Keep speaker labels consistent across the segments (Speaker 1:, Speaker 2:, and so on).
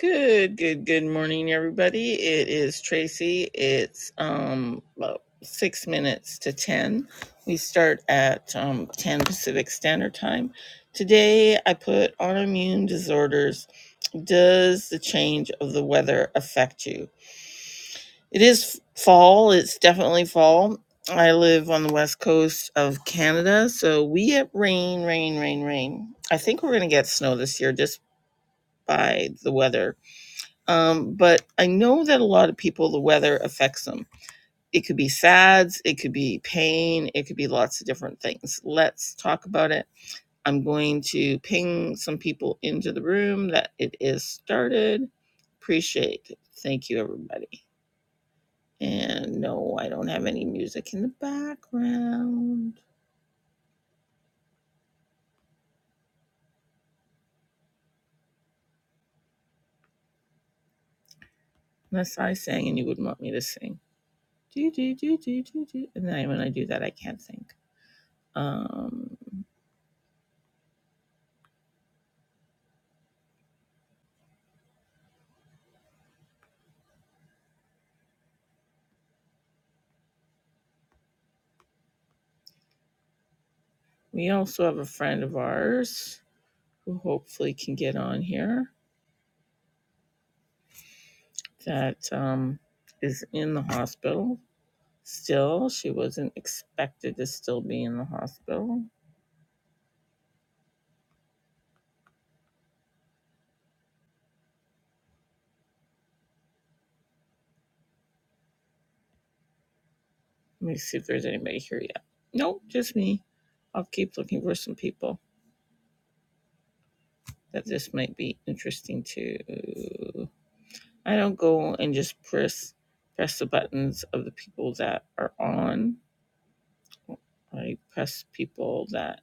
Speaker 1: Good, good, good morning, everybody. It is Tracy. It's um about six minutes to ten. We start at um, ten Pacific Standard Time. Today, I put autoimmune disorders. Does the change of the weather affect you? It is fall. It's definitely fall. I live on the west coast of Canada, so we get rain, rain, rain, rain. I think we're going to get snow this year just by the weather um, but I know that a lot of people, the weather affects them. It could be SADS, it could be pain, it could be lots of different things. Let's talk about it. I'm going to ping some people into the room that it is started. Appreciate it. Thank you, everybody. And no, I don't have any music in the background. Unless I sang and you wouldn't want me to sing. Do, do, do, do, do, do. And then when I do that, I can't think. Um, we also have a friend of ours who hopefully can get on here, that um, is in the hospital still. She wasn't expected to still be in the hospital. Let me see if there's anybody here yet. Nope, just me. I'll keep looking for some people that this might be interesting to. I don't go and just press press the buttons of the people that are on. I press people that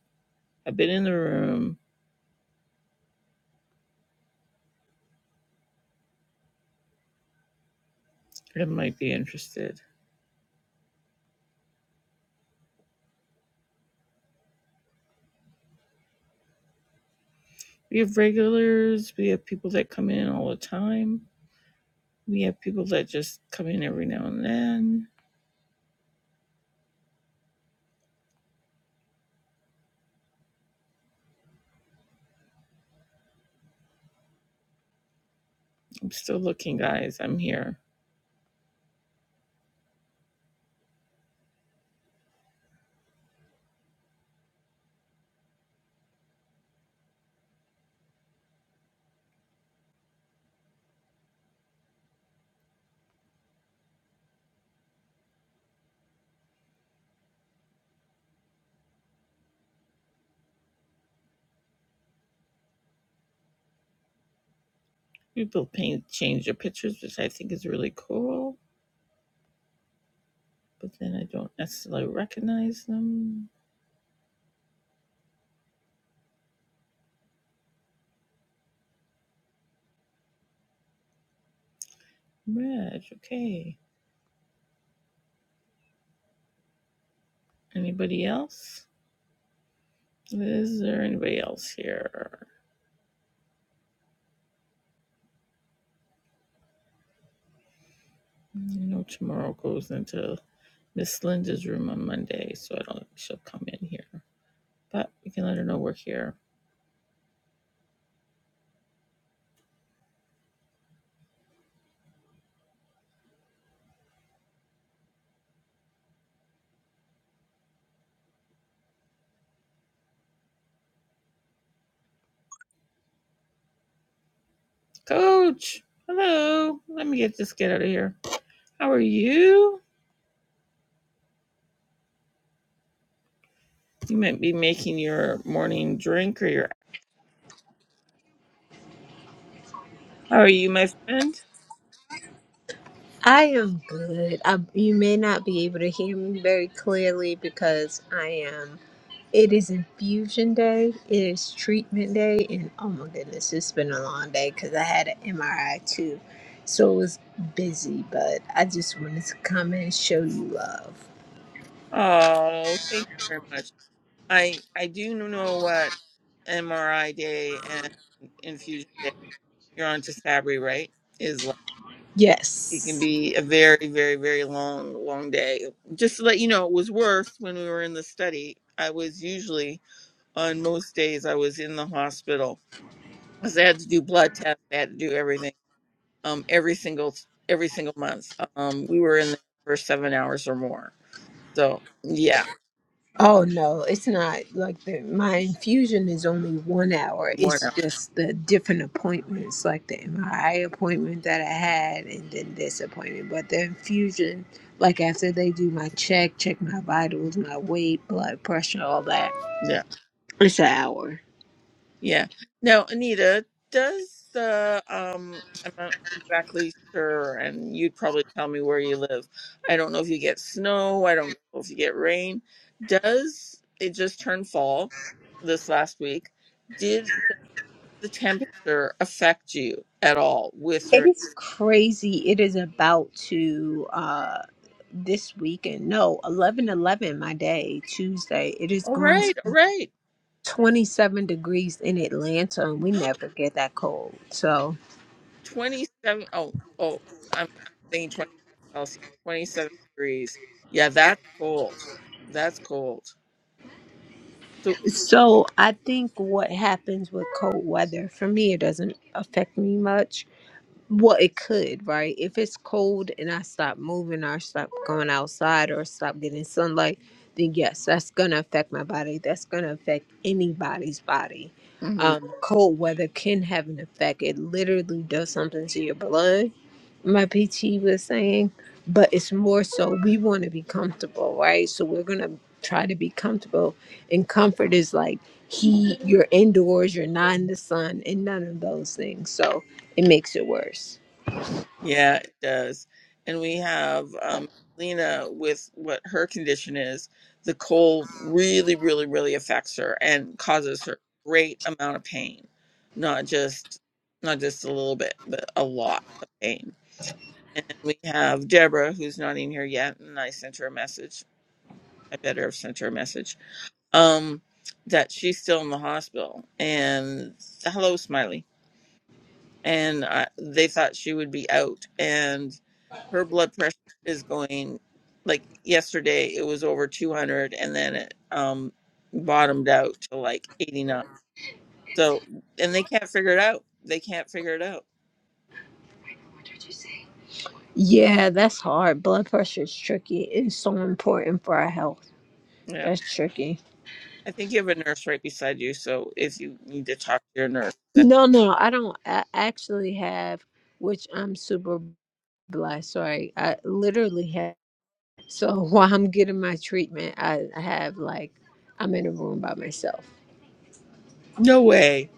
Speaker 1: have been in the room that might be interested. We have regulars, we have people that come in all the time. We have people that just come in every now and then. I'm still looking, guys. I'm here. People paint change their pictures, which I think is really cool, but then I don't necessarily recognize them. Reg, okay. Anybody else? Is there anybody else here? I know tomorrow goes into Miss Linda's room on Monday, so I don't. think She'll come in here. but we can let her know we're here. Coach, hello. Let me get this kid out of here. How are you? You might be making your morning drink or your. How are you, my friend?
Speaker 2: I am good. I, you may not be able to hear me very clearly because I am. It is infusion day. It is treatment day, and oh my goodness, it's been a long day because I had an MRI too, so it was busy. But I just wanted to come and show you love.
Speaker 1: Oh, thank you very much. I I do know what MRI day and infusion day. You're on to Sabri, right? Is it can
Speaker 2: Yes.
Speaker 1: be a very very very long long day just to let you know it was worse when we were in the study i was usually on most days i was in the hospital because i had to do blood tests i had to do everything um every single every single month um we were in there for seven hours or more so yeah
Speaker 2: Oh no, it's not like the, my infusion is only one hour.
Speaker 1: more
Speaker 2: It's just the different appointments, like the MRI appointment that I had, and then this appointment. But the infusion, like after they do my check, check my vitals, my weight, blood pressure, all that,
Speaker 1: now
Speaker 2: it's an hour.
Speaker 1: Yeah. Now, Anita, does the um I'm not exactly sure and you'd probably tell me where you live. I don't know if you get snow, I don't know if you get rain. Does it just turn fall this last week? Did the temperature affect you at all with
Speaker 2: It
Speaker 1: your
Speaker 2: is crazy. It is about to uh this weekend. No, eleven eleven. My day Tuesday. It is
Speaker 1: All
Speaker 2: going.
Speaker 1: right, all right.
Speaker 2: 27 degrees in Atlanta and we never get that cold. So
Speaker 1: 27 oh oh I'm thinking 20 Celsius, 27 degrees. Yeah, that's cold. That's cold. So
Speaker 2: so I think what happens with cold weather for me it doesn't affect me much. Well, it could, right? If it's cold and I stop moving or I stop going outside or stop getting sunlight, then yes, that's going to affect my body. That's going to affect anybody's body.
Speaker 1: mhm.
Speaker 2: Um, cold weather can have an effect. It literally does something to your blood my PT was saying, but it's more so we want to be comfortable, right? So we're gonna try to be comfortable. And comfort is like he, you're indoors, you're not in the sun, and none of those things. So it makes it worse.
Speaker 1: Yeah, it does. And we have um, Lena with what her condition is. The cold really, really, really affects her and causes her great amount of pain, not just not just a little bit, but a lot of pain. And we have Deborah, who's not in here yet, and I sent her a message. I better have sent her a message. Um, that she's still in the hospital. And hello, Smiley and I, they thought she would be out and her blood pressure is going like yesterday it was over 200 and then it um bottomed out to like 89 so and they can't figure it out they can't figure it out
Speaker 2: Yeah, that's hard. Blood pressure is tricky. It's so important for our health.
Speaker 1: yeah
Speaker 2: That's tricky.
Speaker 1: i think you have a nurse right beside you so if you need to talk to your nurse then
Speaker 2: No, no, I don't I actually have, which I'm super blessed. Sorry, I literally have. So while I'm getting my treatment, I, I have like, I'm in a room by myself.
Speaker 1: no way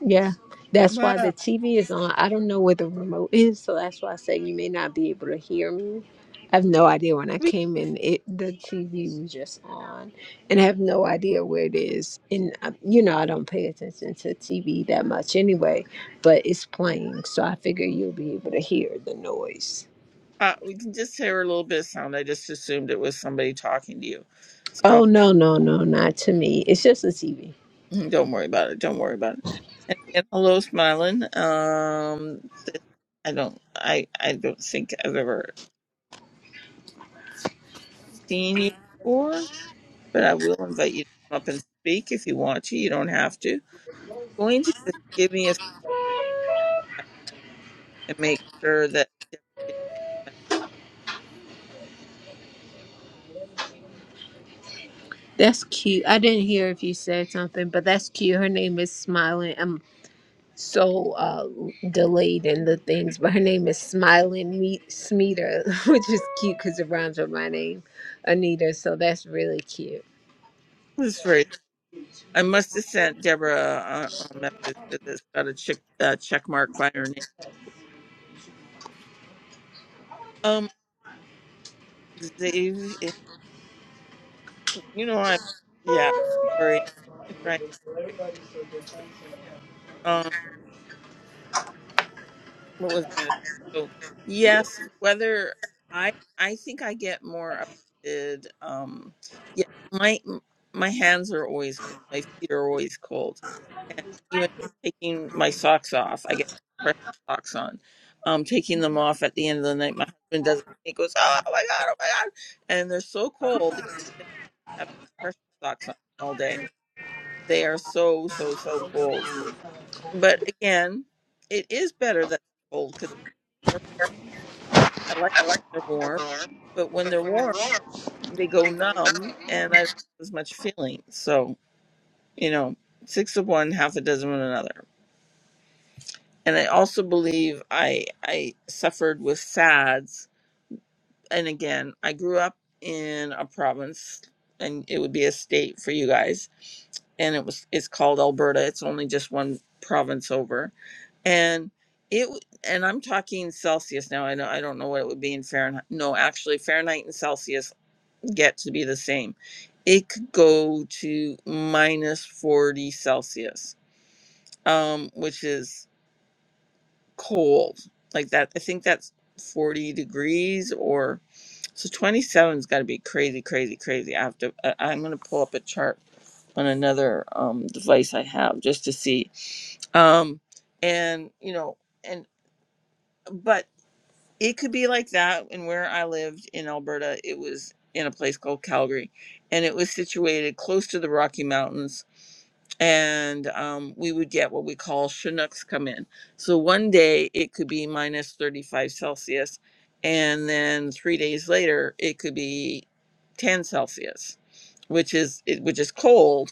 Speaker 2: Yeah. That's why
Speaker 1: wow
Speaker 2: the TV is on. I don't know where the remote is. So that's why I say you may not be able to hear me. I have no idea when I
Speaker 1: we
Speaker 2: came in, it the TV was just on, and I have no idea where it is. And uh, you know, I don't pay attention to TV that much anyway, but it's playing, so I figure you'll be able to hear the noise.
Speaker 1: uh, we can just hear a little bit of sound i just assumed it was somebody talking to you so don't.
Speaker 2: Oh no, no, no, not to me. It's just a TV.
Speaker 1: Mm, Don't worry about it. Don't worry about it. And again, hello, smiling. Um, this, I don't, I, I don't think I've ever seen you before, but I will invite you to come up and speak if you want to. You don't have to. going to just give me a sec and make sure that Deborah did
Speaker 2: That's cute. I didn't hear if you said something, but that's cute. Her name is Smiling. I'm so uh, delayed in the things, but her name is Smiling Me- Smeeter, which is cute because it rhymes with my name, Anita. So that's really cute.
Speaker 1: was right. I must have sent Deborah a, a message because it's got a check uh, check mark by her name. Um, Xavier, you know I'm, yeah, sorry, I'm trying. what was I going to say? So yes, whether I I think I get more affected. Um, yeah, my my hands are always cold. My feet are always cold, and even taking my socks off, I get pressure socks on. Um, taking them off at the end of the night, my husband does it. He goes, "Oh my god, oh my god!" And they're so cold. even if they have pressure socks on all day. They are so so so cold. But again, it is better that they're cold because I like they're warm, but when they're warm, they go numb, and I don't have as much feeling. So you know, six of one, half a dozen of another. And I also believe I I suffered with SADS. And again, I grew up in a province, and it would be a state for you guys. And it was it's called Alberta. It's only just one province over, and it w- and I'm talking Celsius now. I know I don't know what it would be in Fahrenheit. No, actually, Fahrenheit and Celsius get to be the same. It could go to minus 40 Celsius, um, which is cold. Like that, I think that's 40 degrees or so 27's got to be crazy, crazy, crazy. I have to, I, I'm going to pull up a chart on another um, device I have just to see. Um, and, you know, and, but it could be like that and where i lived in alberta it was in a place called calgary and it was situated close to the rocky mountains and um, we would get what we call chinooks come in so one day it could be minus 35 celsius and then three days later it could be 10 celsius which is it, which is cold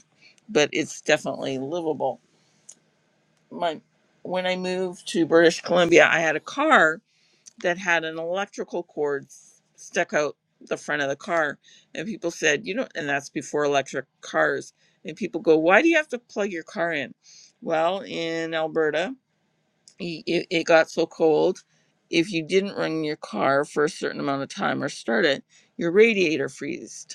Speaker 1: but it's definitely livable my when i moved to british columbia i had a car that had an electrical cord stuck out the front of the car and people said you know and that's before electric cars and people go why do you have to plug your car in well in alberta i- it got so cold if you didn't run your car for a certain amount of time or start it your radiator freezed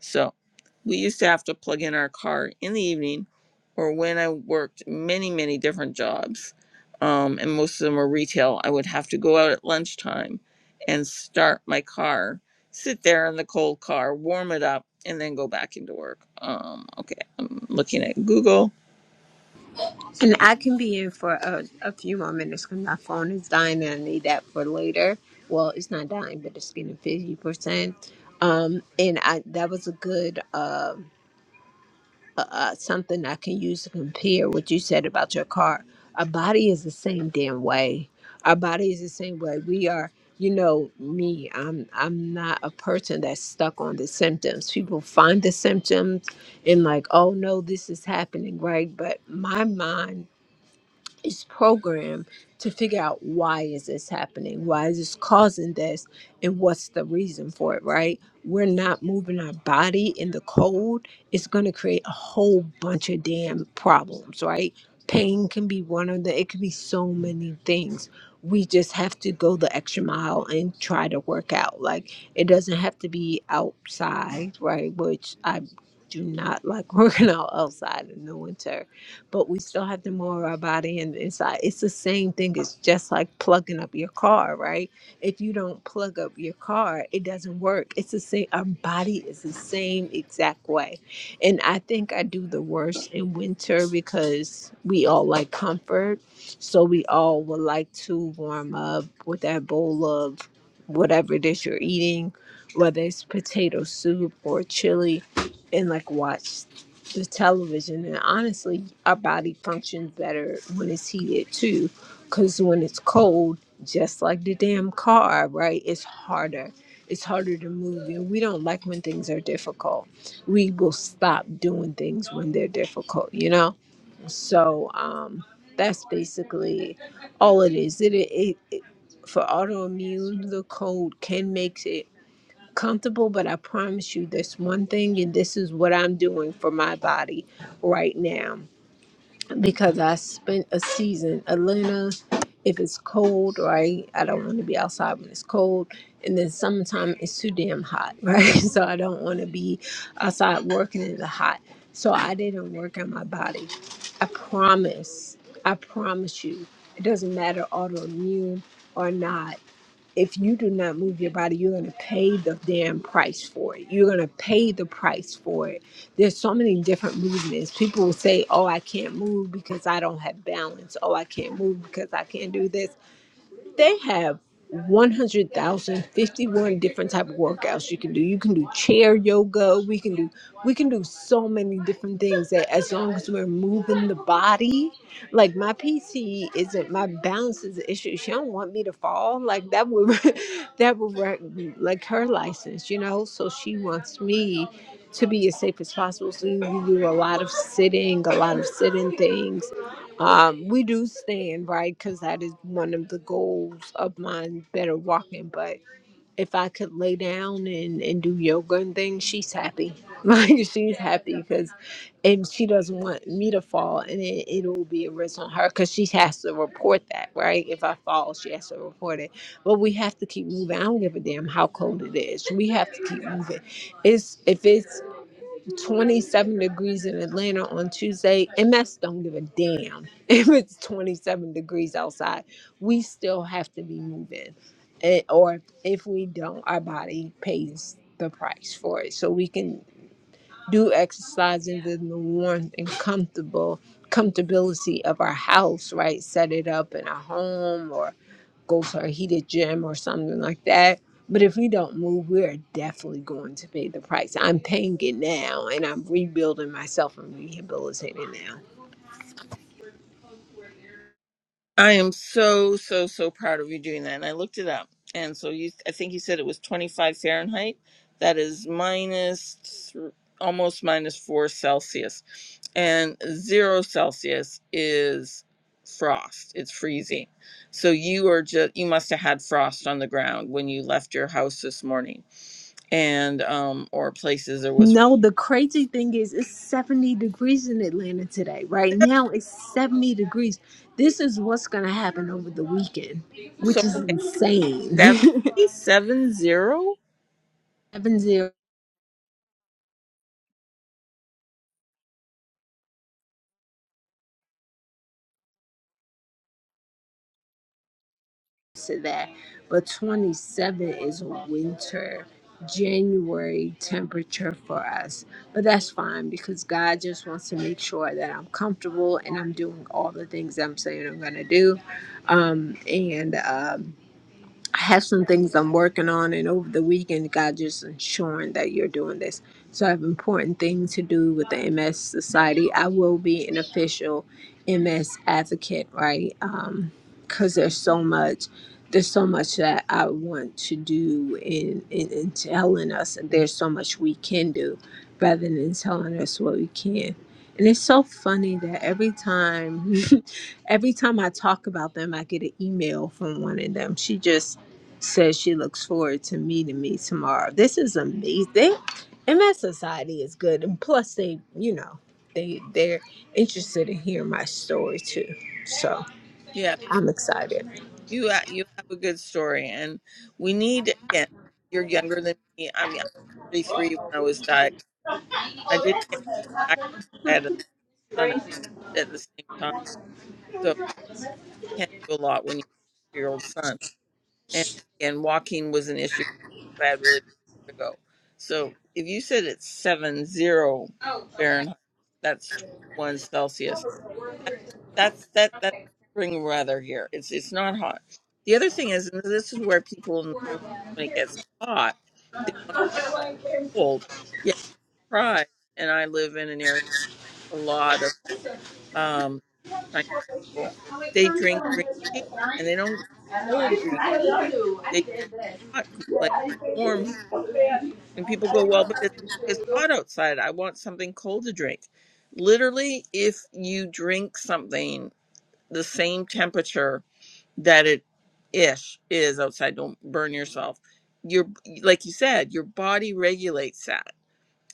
Speaker 1: So we used to have to plug in our car in the evening or when I worked many, many different jobs, um, and most of them were retail, I would have to go out at lunchtime and start my car, sit there in the cold car, warm it up, and then go back into work. Um, okay, I'm looking at Google.
Speaker 2: And I can be in for a, a few more minutes because my phone is dying and I need that for later. Well, it's not dying, but it's getting 50%. Um, and I that was a good. Um, uh, uh, something I can use to compare what you said about your car. Our body is the same damn way. Our body is the same way. We are, you know, me. I'm I'm not a person that's stuck on the symptoms. People find the symptoms and like, oh no, this is happening, right? But my mind is programmed to figure out why is this happening why is this causing this and what's the reason for it right we're not moving our body in the cold it's going to create a whole bunch of damn problems right pain can be one of the it could be so many things we just have to go the extra mile and try to work out like it doesn't have to be outside right which i do not like working out outside in the winter but we still have to move our body and the inside. It's the same thing. It's just like plugging up your car, right? If you don't plug up your car, it doesn't work. It's the same. Our body is the same exact way. And I think I do the worst in winter because we all like comfort. So we all would like to warm up with that bowl of whatever dish you're eating, whether it's potato soup or chili, and like watch the television and honestly our body functions better when it's heated too because when it's cold just like the damn car right it's harder it's harder to move and we don't like when things are difficult we will stop doing things when they're difficult you know so um that's basically all it is it, it, it for autoimmune the cold can make it comfortable, but I promise you this one thing, and this is what I'm doing for my body right now because I spent a season, Elena. If it's cold, right? I don't want to be outside when it's cold, and then sometimes it's too damn hot, right? So I don't want to be outside working in the hot. So I didn't work on my body. I promise, I promise you, it doesn't matter autoimmune or not if you do not move your body, you're going to pay the damn price for it. You're going to pay the price for it. There's so many different movements. People will say, Oh, I can't move because I don't have balance. Oh, I can't move because I can't do this they have 100,051 different type of workouts you can do. You can do chair yoga. We can do we can do so many different things that as long as we're moving the body. Like my PC isn't my balance is an issue. She don't want me to fall. Like that would that would wreck like her license, you know. So she wants me to be as safe as possible. So we do a lot of sitting, a lot of sitting things um, we do stand, right? Because that is one of the goals of mine, better walking. But if I could lay down and, and do yoga and things, she's happy. Like, she's happy because, and she doesn't want me to fall, and it, it'll be a risk on her because she has to report that, right? If I fall, she has to report it. But we have to keep moving. I don't give a damn how cold it is. We have to keep moving. It's if it's 27 degrees in Atlanta on Tuesday. MS don't give a damn if it's 27 degrees outside. We still have to be moving. And, or if we don't, our body pays the price for it. So we can do exercise in the warmth and comfortable comfortability of our house, right? Set it up in our home or go to a heated gym or something like that. But if we don't move, we are definitely going to pay the price. I'm paying it now and I'm rebuilding myself and rehabilitating now.
Speaker 1: I am so so so proud of you doing that. And I looked it up, and so you, I think you said it was 25 Fahrenheit. That is minus th- almost minus four Celsius, and zero Celsius is frost. It's freezing. So you are just you must have had frost on the ground when you left your house this morning, and um or places there was.
Speaker 2: No, the crazy thing is it's 70 degrees in Atlanta today. Right now it's 70 degrees. This is what's going to happen over the weekend,
Speaker 1: So
Speaker 2: which is
Speaker 1: okay,
Speaker 2: insane.
Speaker 1: That's seven zero
Speaker 2: 70 to that. But 27 is winter, January temperature for us. But that's fine because God just wants to make sure that I'm comfortable and I'm doing all the things I'm saying I'm going to do. Um, and um I have some things I'm working on, and over the weekend, God just ensuring that you're doing this. So I have important things to do with the MS Society. I will be an official MS advocate, right? Um, Because there's so much, there's so much that I want to do in, in in telling us, and there's so much we can do, rather than telling us what we can. And it's so funny that every time, every time I talk about them, I get an email from one of them. She just says she looks forward to meeting me tomorrow. This is amazing. MS Society is good, and plus they, you know, they they're interested in hearing my story too. So
Speaker 1: Yeah,
Speaker 2: I'm excited.
Speaker 1: You ha- you have a good story, and we need again. You're younger than me. I mean, I was 33 when I was diagnosed. I didn't get really active. I had a son at at the same time, so you can't do a lot when you have a year old son. And again, walking was an issue. for me 'cause I had really bad vertigo. So if you said it's seven zero Fahrenheit, that's 21 Celsius. That, that's that that's spring weather here. It's it's not hot. The other thing is, and this is where people when it gets hot, they want to drink cold. Yet surprise, and I live in an area with a lot of um Chinese people. They drink green tea, and they don't drink cold green. tea. They drink hot gr- like warm. And people go, well, but it's it's hot outside. I want something cold to drink. Literally, if you drink something the same temperature that it ish is outside don't burn yourself your like you said your body regulates that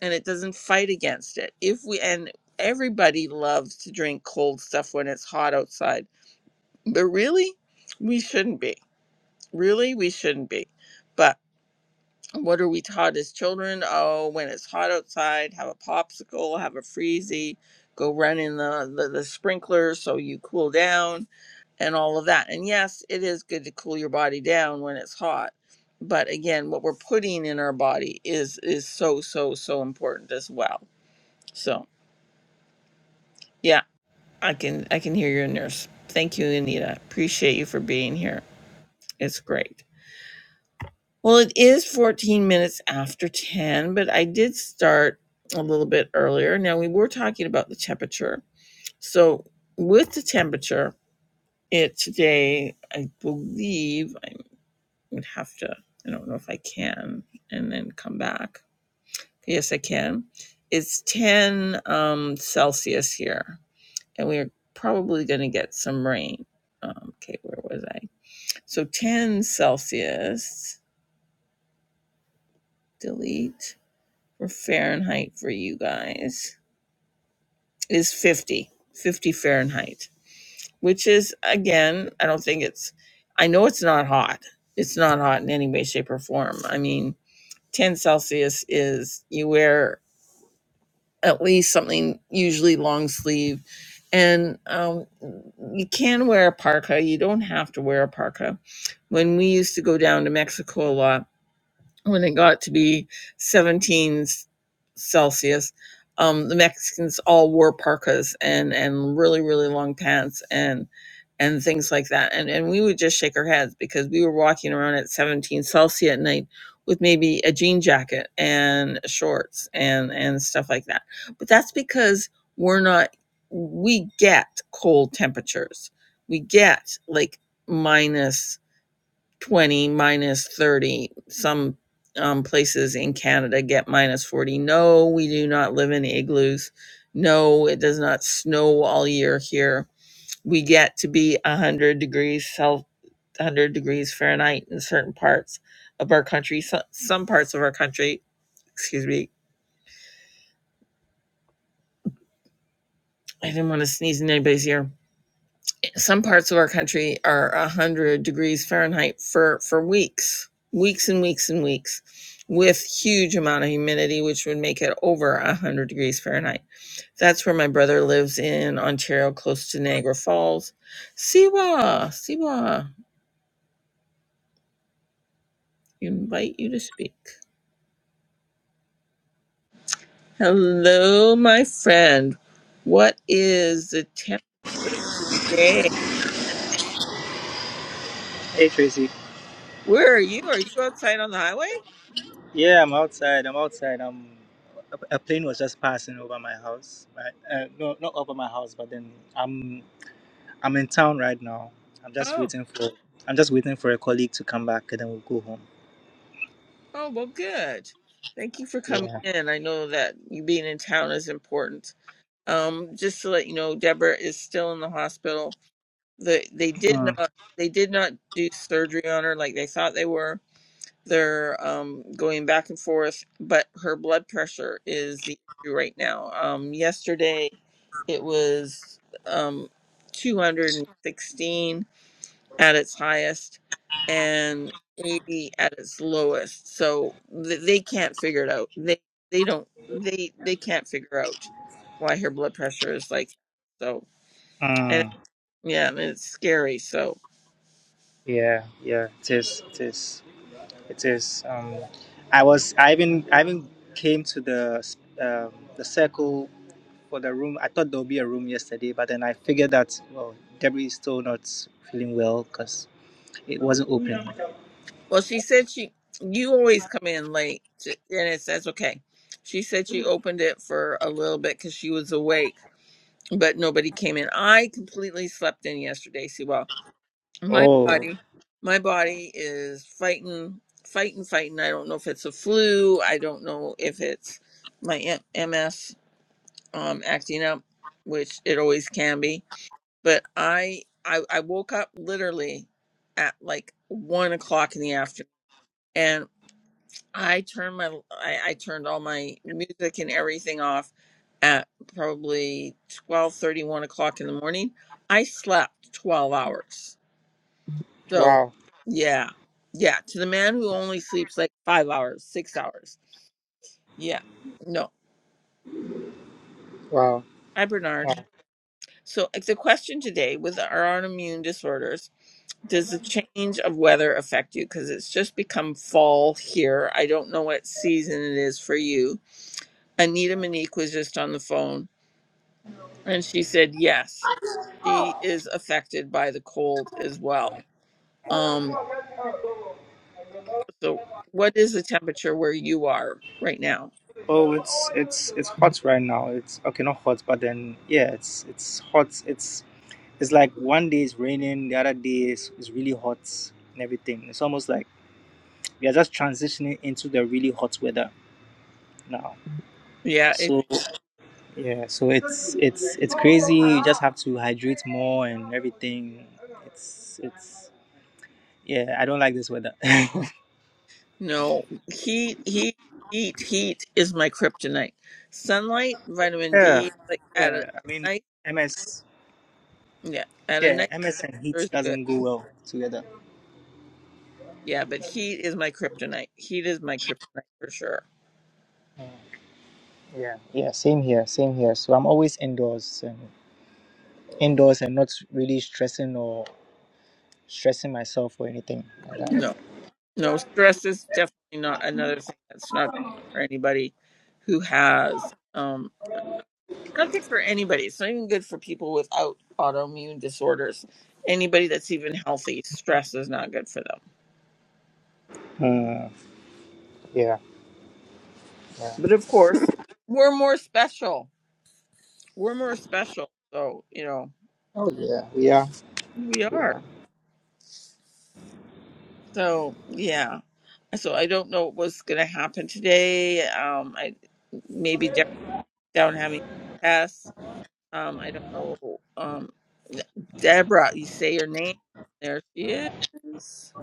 Speaker 1: and it doesn't fight against it if we and everybody loves to drink cold stuff when it's hot outside but really we shouldn't be really we shouldn't be but what are we taught as children oh when it's hot outside have a popsicle have a freezy go run in the the, the sprinkler so you cool down and all of that. And yes, it is good to cool your body down when it's hot. But again, what we're putting in our body is is so so so important as well. So, yeah, I can I can hear your nurse. Thank you, Anita. Appreciate you for being here. It's great. Well, it is 14 minutes after 10, but I did start a little bit earlier. Now we were talking about the temperature. So, with the temperature, it today, I believe, I. would have to i don't know if i can and then come back yes i can it's 10 um celsius here and we're probably going to get some rain um, okay where was i so 10 celsius delete for fahrenheit for you guys is 50 50 fahrenheit which is again i don't think it's i know it's not hot it's not hot in any way shape or form i mean 10 celsius is you wear at least something usually long sleeve. And um, you can wear a parka. You don't have to wear a parka. When we used to go down to Mexico a lot, when it got to be 17 Celsius, um, the Mexicans all wore parkas and and really really long pants and and things like that. And and we would just shake our heads because we were walking around at 17 Celsius at night with maybe a jean jacket and shorts and and stuff like that. But that's because we're not we get cold temperatures. We get like minus 20 minus 30 some um, places in canada get minus 40 no we do not live in igloos no it does not snow all year here we get to be 100 degrees cel 100 degrees fahrenheit in certain parts of our country so, some parts of our country excuse me i didn't want to sneeze in anybody's ear Some parts of our country are 100 degrees Fahrenheit for, for weeks, weeks and weeks and weeks, with huge amount of humidity, which would make it over 100 degrees Fahrenheit. That's where my brother lives in Ontario, close to Niagara Falls. Siwa, Siwa, invite you to speak. Hello, my friend. What is the temperature today?
Speaker 3: Hey Tracy.
Speaker 1: Where are you? Are you outside on the highway?
Speaker 3: Yeah, I'm outside. I'm outside. Um, a a plane was just passing over my house. Right? Uh, no, not over my house, but then I'm I'm in town right now. I'm just
Speaker 1: Oh.
Speaker 3: waiting for I'm just waiting for a colleague to come back and then we'll go home.
Speaker 1: Oh, well, good. Thank you for coming
Speaker 3: Yeah.
Speaker 1: in. I know that you being in town is important. Um, just to let you know, Deborah is still in the hospital. The, they did
Speaker 3: Mm,
Speaker 1: not they did not do surgery on her like they thought they were. They're um, going back and forth, but her blood pressure is the issue right now. Um, yesterday it was um, 216 at its highest and 80 at its lowest so th- they can't figure it out they they don't they they can't figure out why her blood pressure is like that. so and
Speaker 3: mm,
Speaker 1: yeah and it's scary so
Speaker 3: yeah, yeah. It is. It is. It is. Um, I was I even I even came to the um, the circle for the room. I thought there would be a room yesterday, but then I figured that well, Debbie is still not feeling well because. It wasn't open.
Speaker 1: well she said she you always come in late t- and it's that's okay she said she opened it for a little bit because she was awake but nobody came in i completely slept in yesterday see well, my
Speaker 3: Oh,
Speaker 1: body my body is fighting fighting fighting i don't know if it's a flu i don't know if it's my M- ms um acting up which it always can be but i i, I woke up literally at like one o'clock in the afternoon and i turned my I, I turned all my music and everything off at probably twelve thirty, one o'clock in the morning i slept 12 hours so,
Speaker 3: wow,
Speaker 1: yeah, yeah. To the man who only sleeps like five hours, six hours. Yeah, no.
Speaker 3: wow,
Speaker 1: Hi, Bernard.
Speaker 3: wow.
Speaker 1: So, it's a question today with our autoimmune disorders. Does the change of weather affect you? Because it's just become fall here. I don't know what season it is for you. Anita Monique was just on the phone and she said, yes, she is affected by the cold as well. Um, so, what is the temperature where you are right now?
Speaker 3: Oh, it's it's it's hot right now. It's okay, not hot, but then yeah, it's it's hot. It's it's like one day it's raining, the other day is is really hot and everything. It's almost like we are just transitioning into the really hot weather now.
Speaker 1: Yeah,
Speaker 3: So yeah, so it's it's it's crazy. You just have to hydrate more and everything. It's it's yeah, I don't like this weather.
Speaker 1: No, heat, heat, heat, heat is my kryptonite. Sunlight, vitamin
Speaker 3: yeah,
Speaker 1: D, like at a
Speaker 3: yeah. I mean,
Speaker 1: night,
Speaker 3: MS.
Speaker 1: yeah, at a
Speaker 3: Yeah,
Speaker 1: night
Speaker 3: MS and
Speaker 1: temperature
Speaker 3: heat
Speaker 1: is good.
Speaker 3: doesn't go well together.
Speaker 1: Yeah, but heat is my kryptonite. Heat is my kryptonite for sure.
Speaker 3: Yeah, yeah, same here, same here. So I'm always indoors and indoors and not really stressing or stressing myself or anything like that.
Speaker 1: No, no, stress is definitely not another thing that's not good for anybody who has. Um, it's not good for anybody. It's not even good for people without autoimmune disorders. Anybody that's even healthy, stress is not good for them.
Speaker 3: Hmm. Yeah, yeah.
Speaker 1: But of course, we're more special we're more special. So, you know,
Speaker 3: Oh yeah, we are,
Speaker 1: we
Speaker 3: we are.
Speaker 1: are. So, yeah. So I don't know what's going to happen today. Um, I maybe Deborah down having tests. Um, I don't know. Um, Deborah, you say your name. There she is.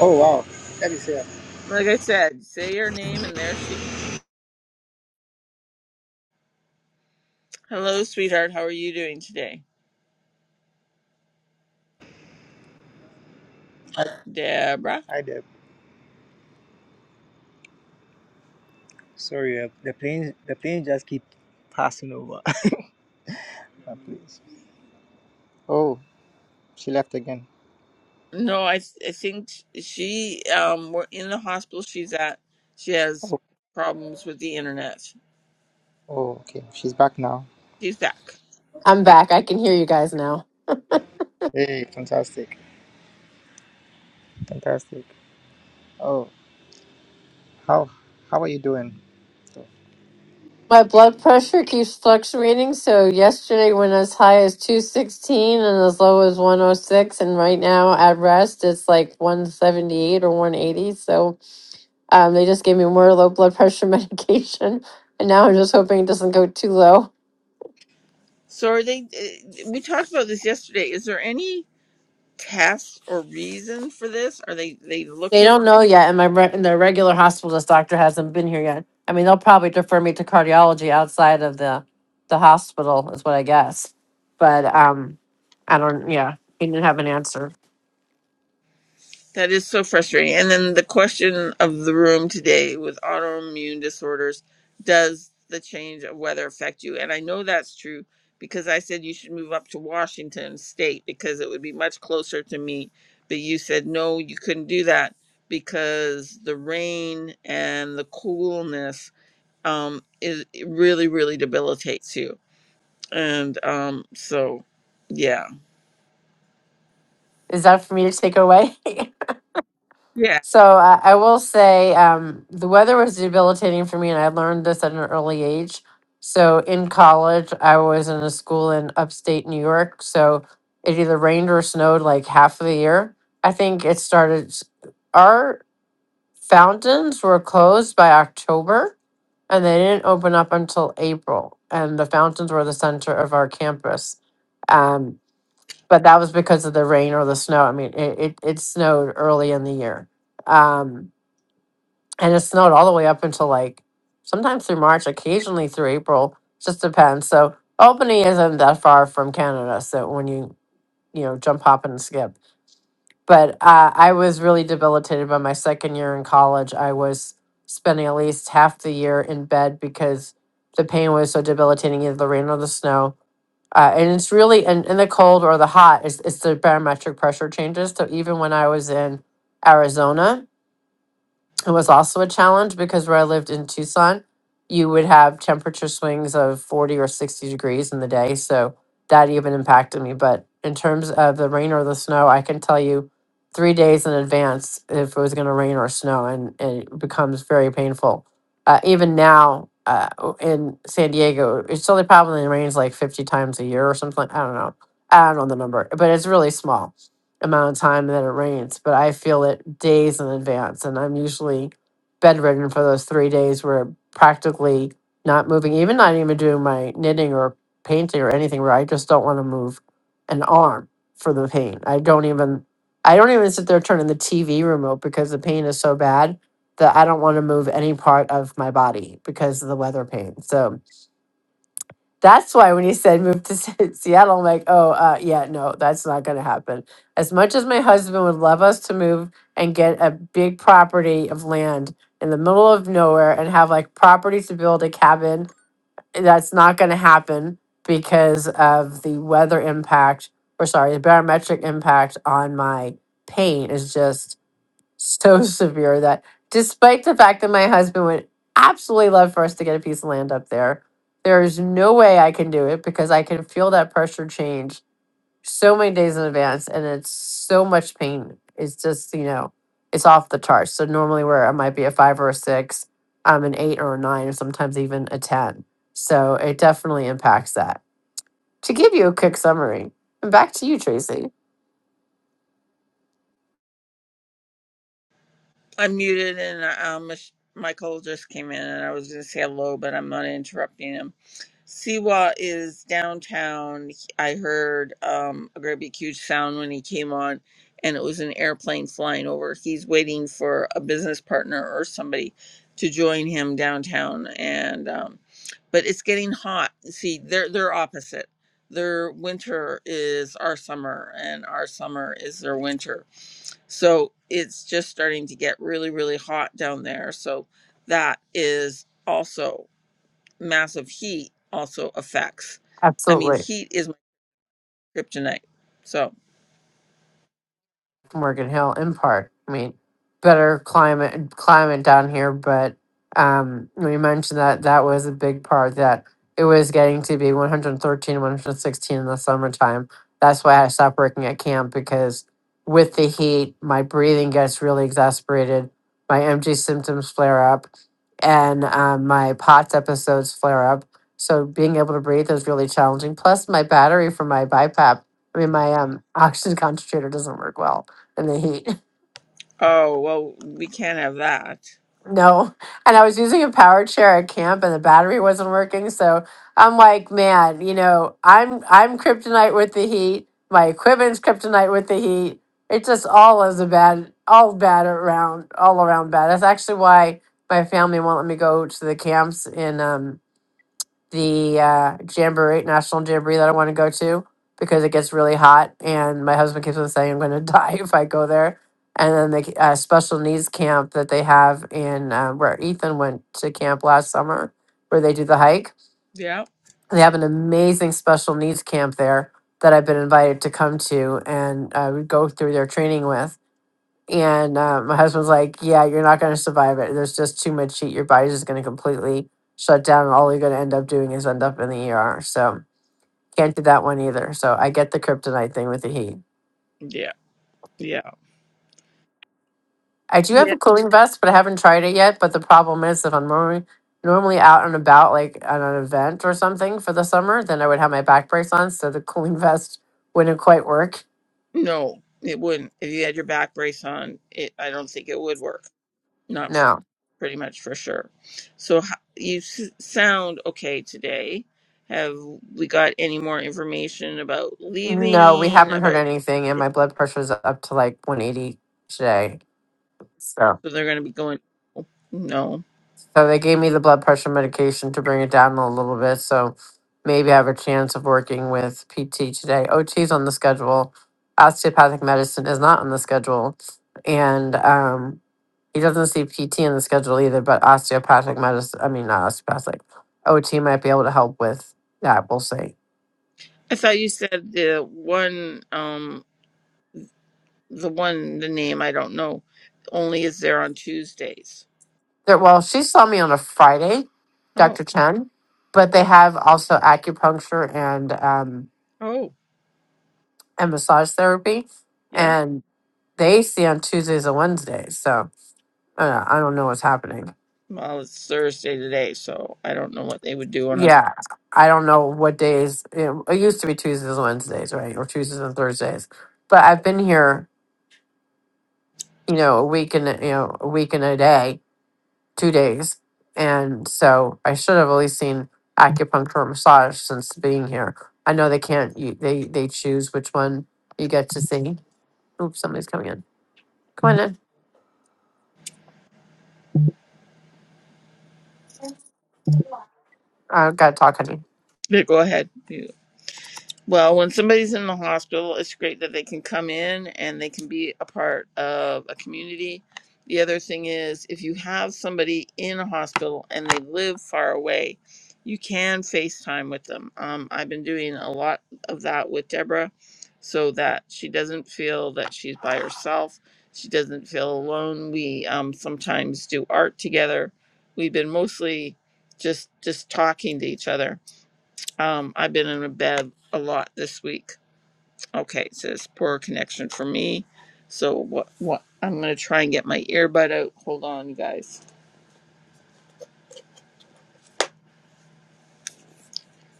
Speaker 3: Oh wow, that is here.
Speaker 1: Like I said, say your name, and there she. Hello, sweetheart. How are you doing today,
Speaker 3: Hi,
Speaker 1: Deborah?
Speaker 3: hi Deb. Sorry, uh, the plane the plane just keep passing over. Oh, please. Oh, she left again.
Speaker 1: No, I I think she um we're in the hospital she's at. She has
Speaker 3: Oh,
Speaker 1: problems with the internet.
Speaker 3: oh, okay, she's back now.
Speaker 1: She's back.
Speaker 4: I'm back. I can hear you guys now.
Speaker 3: Hey, fantastic, fantastic. Oh, how how are you doing?
Speaker 4: My blood pressure keeps fluctuating. So yesterday went as high as 216 and as low as 106. And right now at rest, it's like 178 or 180. So um, they just gave me more low blood pressure medication. And now I'm just hoping it doesn't go too low.
Speaker 1: So are they? eh, We talked about this yesterday. Is there any test or reason for this? Are they they
Speaker 4: They
Speaker 1: looking?
Speaker 4: don't know yet, and my re- and the regular hospitalist doctor hasn't been here yet. I mean, they'll probably defer me to cardiology outside of the the hospital, is what I guess. But um, I don't. Yeah, he didn't have an answer.
Speaker 1: That is so frustrating. And then the question of the room today with autoimmune disorders: Does the change of weather affect you? And I know that's true because I said you should move up to Washington State because it would be much closer to me. But you said no, you couldn't do that because the rain and the coolness um it, it really really debilitates you and um so yeah
Speaker 4: Is that for me to take away?
Speaker 1: yeah
Speaker 4: so I, I will say um, the weather was debilitating for me, and I learned this at an early age. So in college, I was in a school in upstate New York, so it either rained or snowed like half of the year. I think it started. s- Our fountains were closed by October and they didn't open up until April. And the fountains were the center of our campus. Um, but that was because of the rain or the snow. I mean, it, it, it snowed early in the year. Um, and it snowed all the way up until like sometimes through March, occasionally through April, just depends. So Albany isn't that far from Canada. So when you, you know, jump, hop, and skip but uh, I was really debilitated by my second year in college. I was spending at least half the year in bed because the pain was so debilitating, either the rain or the snow. Uh, and it's really in, in the cold or the hot, it's, it's the barometric pressure changes. So even when I was in Arizona, it was also a challenge because where I lived in Tucson, you would have temperature swings of 40 or 60 degrees in the day. So that even impacted me. But in terms of the rain or the snow, I can tell you three days in advance if it was going to rain or snow, and, and it becomes very painful. Uh, even now uh, o- in San Diego, it's only probably rains like 50 times a year or something. I don't know. I don't know the number, but it's really small amount of time that it rains, but I feel it days in advance. And I'm usually bedridden for those three days where practically not moving, even not even doing my knitting or painting or anything where I just don't want to move an arm for the pain. I don't even I don't even sit there turning the TV remote because the pain is so bad that I don't want to move any part of my body because of the weather pain. So that's why when you said move to Se- Seattle, I'm like, oh, uh, yeah, no, that's not going to happen. As much as my husband would love us to move and get a big property of land in the middle of nowhere and have like property to build a cabin, that's not going to happen because of the weather impact, or sorry, the barometric impact on my pain is just so severe that despite the fact that my husband would absolutely love for us to get a piece of land up there, there is no way I can do it because I can feel that pressure change so many days in advance and it's so much pain. It's just, you know, it's off the charts. So normally where I might be a five or a six, I'm an eight or a nine, or sometimes even a 10. So it definitely impacts that. To give you a quick summary, and back to you, Tracy.
Speaker 1: i'm muted and uh, um mich- michael just came in and i was gonna say hello but i'm not interrupting him Siwa is downtown. I heard um, a great big huge sound when he came on, and it was an airplane flying over. He's waiting for a business partner or somebody to join him downtown, and um, but it's getting hot. See, they're they're opposite. Their winter is our summer, and our summer is their winter. So it's just starting to get really really hot down there. So that is also massive heat also affects. I mean,
Speaker 4: Absolutely.
Speaker 1: heat is my kryptonite. So,
Speaker 4: Morgan Hill in part. I mean, better climate climate down here, but um, we mentioned that that was a big part that it was getting to be 113, 116 in the summertime. That's why I stopped working at camp because with the heat, my breathing gets really exasperated, my MG symptoms flare up, and um, my POTS episodes flare up. So being able to breathe is really challenging. Plus, my battery for my BiPAP, I mean, my um, oxygen concentrator doesn't work well in the heat.
Speaker 1: oh, well, we can't have that.
Speaker 4: No. And I was using a power chair at camp and the battery wasn't working. So I'm like, man, you know, I'm I'm kryptonite with the heat. My equipment's kryptonite with the heat. It just all is a bad all bad around all around bad. That's actually why my family won't let me go to the camps in um the uh, jamboree, national jamboree that I want to go to because it gets really hot, and my husband keeps on saying I'm going to die if I go there. And then the uh, special needs camp that they have in uh, where Ethan went to camp last summer, where they do the hike.
Speaker 1: Yeah,
Speaker 4: They have an amazing special needs camp there that I've been invited to come to and uh, go through their training with. And uh, my husband's like, Yeah, you're not going to survive it. There's just too much heat. Your body's just going to completely shut down. And all you're going to end up doing is end up in the ER. So can't do that one either. So I get the kryptonite thing with the heat.
Speaker 1: yeah, yeah.
Speaker 4: I do have
Speaker 1: Yeah.
Speaker 4: a cooling vest, but I haven't tried it yet. But the problem is, if I'm normally, normally out and about, like at an event or something for the summer, then I would have my back brace on. So the cooling vest wouldn't quite work.
Speaker 1: No, it wouldn't. If you had your back brace on, it, I don't think it would work. Not f-
Speaker 4: No,
Speaker 1: pretty much for sure. So, h- you s- sound okay today. Have we got any more information about
Speaker 4: no, we
Speaker 1: leaving?
Speaker 4: haven't heard
Speaker 1: About
Speaker 4: anything. And my
Speaker 1: so
Speaker 4: blood pressure's up to like 180 today. So.
Speaker 1: they're going to be going? No,
Speaker 4: So they gave me the blood pressure medication to bring it down a little bit. So maybe I have a chance of working with PT today. OT is on the schedule. Osteopathic medicine is not on the schedule. And um, he doesn't see PT on the schedule either, but osteopathic medicine, I mean, not osteopathic, OT might be able to help with that. We'll see.
Speaker 1: I thought you said the one. Um, the one the name I don't know only is there on Tuesdays.
Speaker 4: There, well, she saw me on a Friday,
Speaker 1: Oh,
Speaker 4: Dr. Chen, but they have also acupuncture and, um,
Speaker 1: oh,
Speaker 4: and massage therapy.
Speaker 1: yeah.
Speaker 4: They see on Tuesdays and Wednesdays, so uh, I don't know what's happening.
Speaker 1: Well, it's Thursday today, so I don't know what they would do on a.
Speaker 4: Yeah, I don't know what days. It, it used to be Tuesdays and Wednesdays, right, or Tuesdays and Thursdays. But I've been here, you know, a week and a- you know a week and a day, two days, and so I should have at least seen acupuncture or massage since being here. I know they can't. You, they they choose which one you get to see. Oops, somebody's coming in. Come on in. I gotta talk, honey.
Speaker 1: Yeah, go ahead. Well, when somebody's in the hospital, it's great that they can come in and they can be a part of a community. The other thing is, if you have somebody in a hospital and they live far away, you can FaceTime with them. Um, I've been doing a lot of that with Deborah so that she doesn't feel that she's by herself. She doesn't feel alone. We um, sometimes do art together. We've been mostly just just talking to each other um, I've been in a bed a lot this week. Okay, it says poor connection for me. So what? What? I'm gonna try and get my earbud out. Hold on, you guys.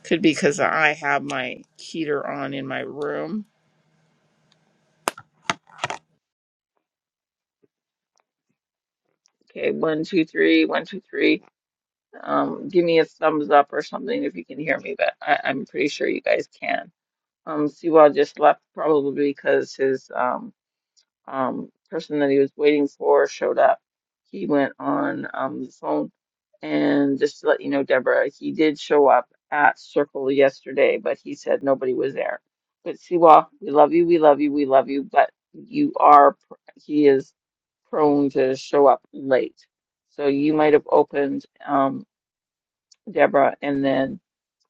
Speaker 1: Could be because I have my heater on in my room. Okay, one, two, three, one, two, three. Um, give me a thumbs up or something if you can hear me, but I, I'm pretty sure you guys can. Um, Siwa just left probably because his um um, person that he was waiting for showed up. He went on um, the phone, and just to let you know, Deborah, he did show up at Circle yesterday, but he said nobody was there. But Siwa, we love you, we love you, we love you, but you are, pr- he is prone to show up late. So you might have opened um, Deborah and then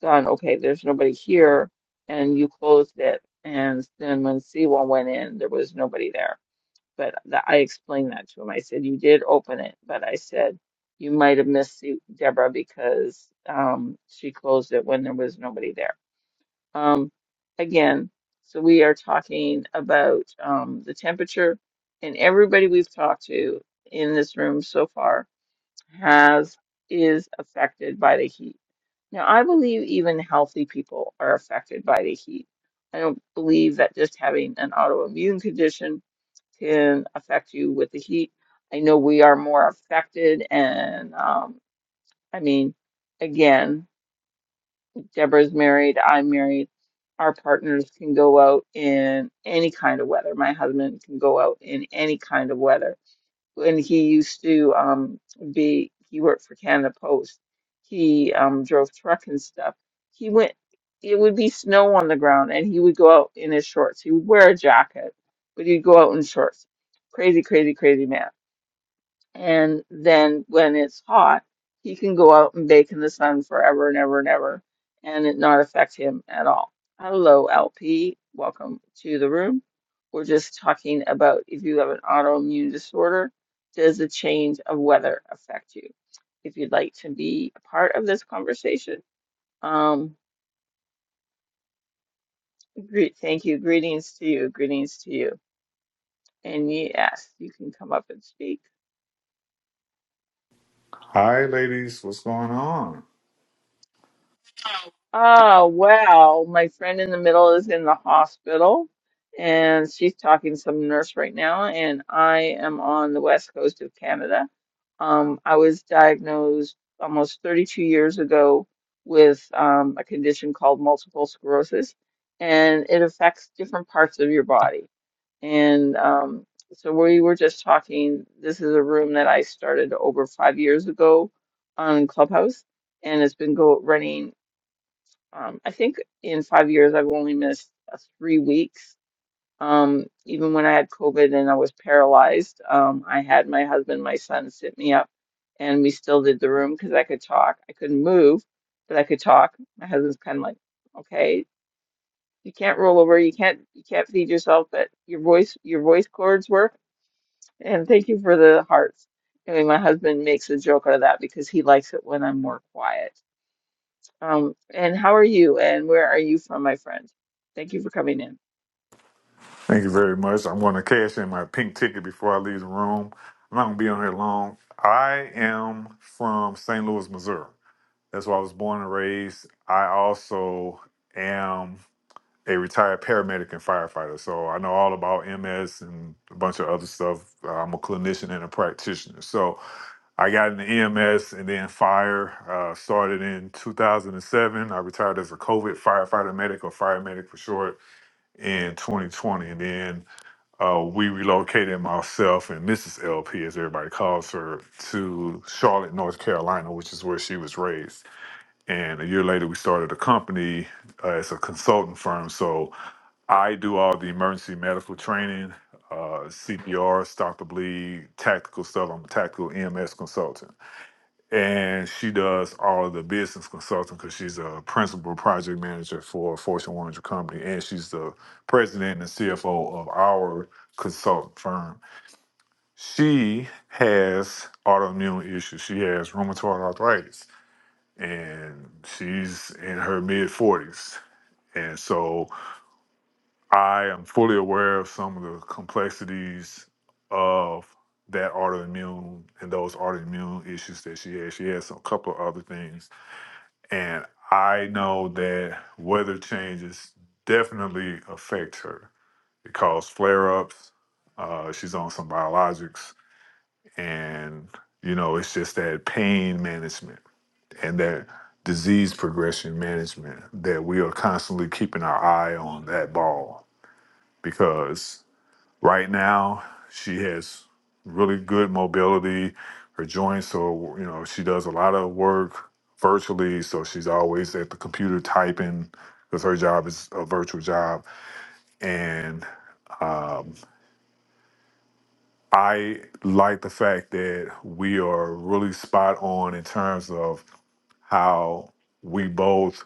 Speaker 1: gone, okay, there's nobody here, and you closed it. And then when Siwa went in, there was nobody there. But th I explained that to him. I said, You did open it, but I said, You might have missed the- Deborah because um, she closed it when there was nobody there. Um, again, so we are talking about um, the temperature, and everybody we've talked to in this room so far has is affected by the heat. Now, I believe even healthy people are affected by the heat. I don't believe that just having an autoimmune condition can affect you with the heat. I know we are more affected, and um, I mean, again, Deborah's married, I'm married. Our partners can go out in any kind of weather. My husband can go out in any kind of weather when he used to um be he worked for Canada Post. He um drove truck and stuff. He went it would be snow on the ground and he would go out in his shorts. He would wear a jacket, but he'd go out in shorts. Crazy, crazy, crazy man and then when it's hot, he can go out and bake in the sun forever and ever and ever and it not affect him at all. Hello, LP. Welcome to the room. We're just talking about if you have an autoimmune disorder, does the change of weather affect you? If you'd like to be a part of this conversation, um, greet, thank you. Greetings to you. Greetings to you. And yes, you can come up and speak
Speaker 5: Hi, ladies. What's going on?
Speaker 1: Oh, wow. My friend in the middle is in the hospital and she's talking to some nurse right now, and I am on the west coast of Canada. Um, I was diagnosed almost 32 years ago with um, a condition called multiple sclerosis, and it affects different parts of your body. And um, so we were just talking. This is a room that I started over five years ago on Clubhouse and it's been go running um, I think in five years, I've only missed uh, three weeks. Um, even when I had COVID and I was paralyzed, um, I had my husband, my son sit me up, and we still did the room because I could talk. I couldn't move, but I could talk. My husband's kind of like, okay, you can't roll over, you can't you can't feed yourself, but your voice your voice cords work. And thank you for the hearts. Anyway, my husband makes a joke out of that because he likes it when I'm more quiet um, and how are you and where are you from, my friend? Thank you for coming in.
Speaker 5: Thank you very much. I'm going to cash in my pink ticket before I leave the room. I'm not going to be on here long. I am from St. Louis, Missouri. That's where I was born and raised. I also am a retired paramedic and firefighter. So I know all about MS and a bunch of other stuff. Uh, I'm a clinician and a practitioner. So I got into EMS and then fire. Uh, started in 2007. I retired as a COVID firefighter medic or fire medic for short in 2020. And then uh, we relocated myself and Mrs. LP, as everybody calls her, to Charlotte, North Carolina, which is where she was raised. And a year later, we started a company uh, as a consulting firm. So I do all the emergency medical training, uh, CPR, stop the bleed, tactical stuff. I'm a tactical EMS consultant and she does all of the business consulting because she's a principal project manager for a Fortune 100 company, and she's the president and CFO of our consultant firm. She has autoimmune issues. She has rheumatoid arthritis, and she's in her mid 40s. And so I am fully aware of some of the complexities of that autoimmune and those autoimmune issues that she has. She has a couple of other things And I know that weather changes definitely affect her. It causes flare ups. Uh, she's on some biologics. And, you know, it's just that pain management and that disease progression management that we are constantly keeping our eye on that ball because Right now, she has really good mobility, her joints. So, you know, she does a lot of work virtually. So she's always at the computer typing because her job is a virtual job. And um, I like the fact that we are really spot on in terms of how we both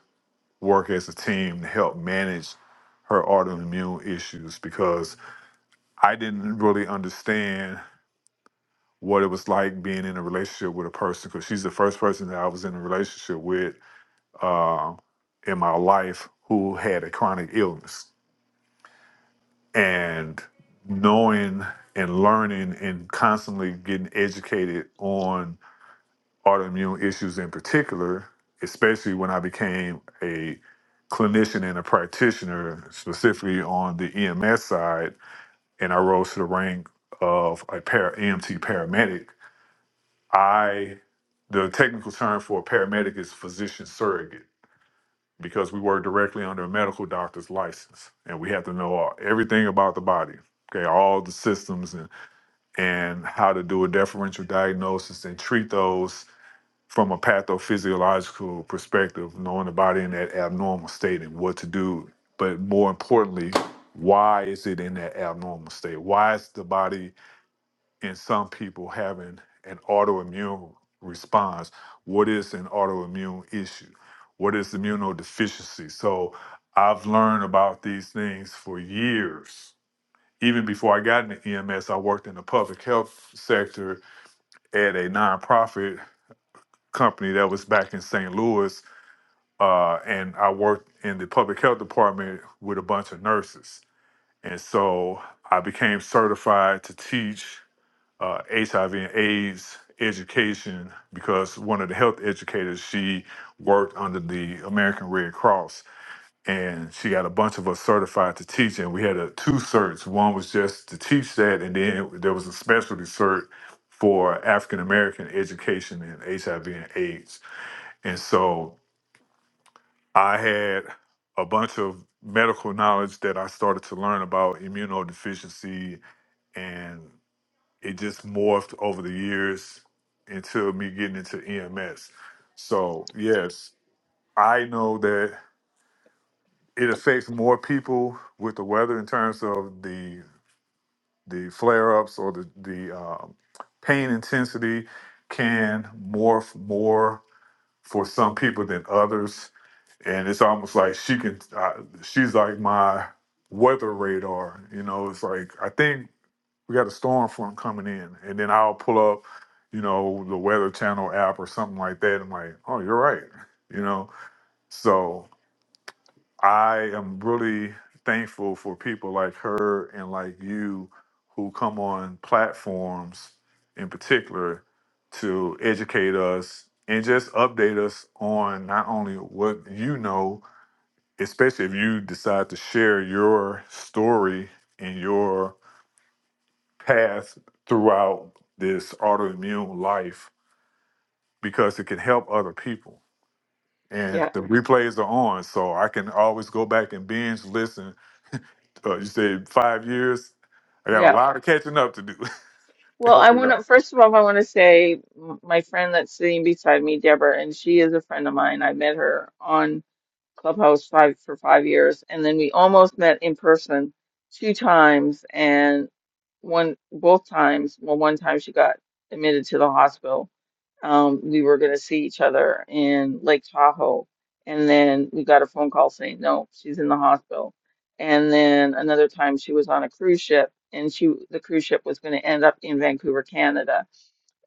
Speaker 5: work as a team to help manage her autoimmune issues because I didn't really understand. what it was like being in a relationship with a person because she's the first person that I was in a relationship with uh, in my life who had a chronic illness. And knowing and learning and constantly getting educated on autoimmune issues in particular, especially when I became a clinician and a practitioner, specifically on the EMS side, and I rose to the rank of a para EMT paramedic I, the technical term for a paramedic is physician surrogate because we work directly under a medical doctor's license and we have to know all, everything about the body, okay, all the systems and, and how to do a differential diagnosis and treat those from a pathophysiological perspective, knowing the body in that abnormal state and what to do. But more importantly, why is it in that abnormal state? Why is the body? in some people having an autoimmune response. What is an autoimmune issue? What is immunodeficiency? So I've learned about these things for years. Even before I got into EMS, I worked in the public health sector at a nonprofit company that was back in St. Louis. Uh, and I worked in the public health department with a bunch of nurses. And so I became certified to teach uh, HIV and AIDS education because one of the health educators she worked under the American Red Cross and she got a bunch of us certified to teach and we had a two certs one was just to teach that and then there was a specialty cert for African American education in HIV and AIDS and so I had a bunch of medical knowledge that I started to learn about immunodeficiency and it just morphed over the years into me getting into EMS. So yes, I know that it affects more people with the weather in terms of the the flare ups or the the um, pain intensity can morph more for some people than others, and it's almost like she can uh, she's like my weather radar. You know, it's like I think we got a storm front coming in, and then I'll pull up, you know, the Weather Channel app or something like that. I'm like, oh, you're right, you know. So I am really thankful for people like her and like you who come on platforms in particular to educate us and just update us on not only what you know, especially if you decide to share your story and your path throughout this autoimmune life because it can help other people. And
Speaker 1: Yeah,
Speaker 5: the replays are on, so I can always go back and binge listen. Uh, you said five years. I got a
Speaker 1: yeah.
Speaker 5: lot of catching up to do. to
Speaker 1: Well, I
Speaker 5: help you
Speaker 1: want to,
Speaker 5: out.
Speaker 1: first of all, I want to say m- my friend that's sitting beside me, Deborah, and she is a friend of mine. I met her on Clubhouse five for five years, and then we almost met in person two times, and one, both times, well, one time she got admitted to the hospital um, we were going to see each other in Lake Tahoe. And then we got a phone call saying, no, she's in the hospital. And then another time she was on a cruise ship and she the cruise ship was going to end up in Vancouver, Canada.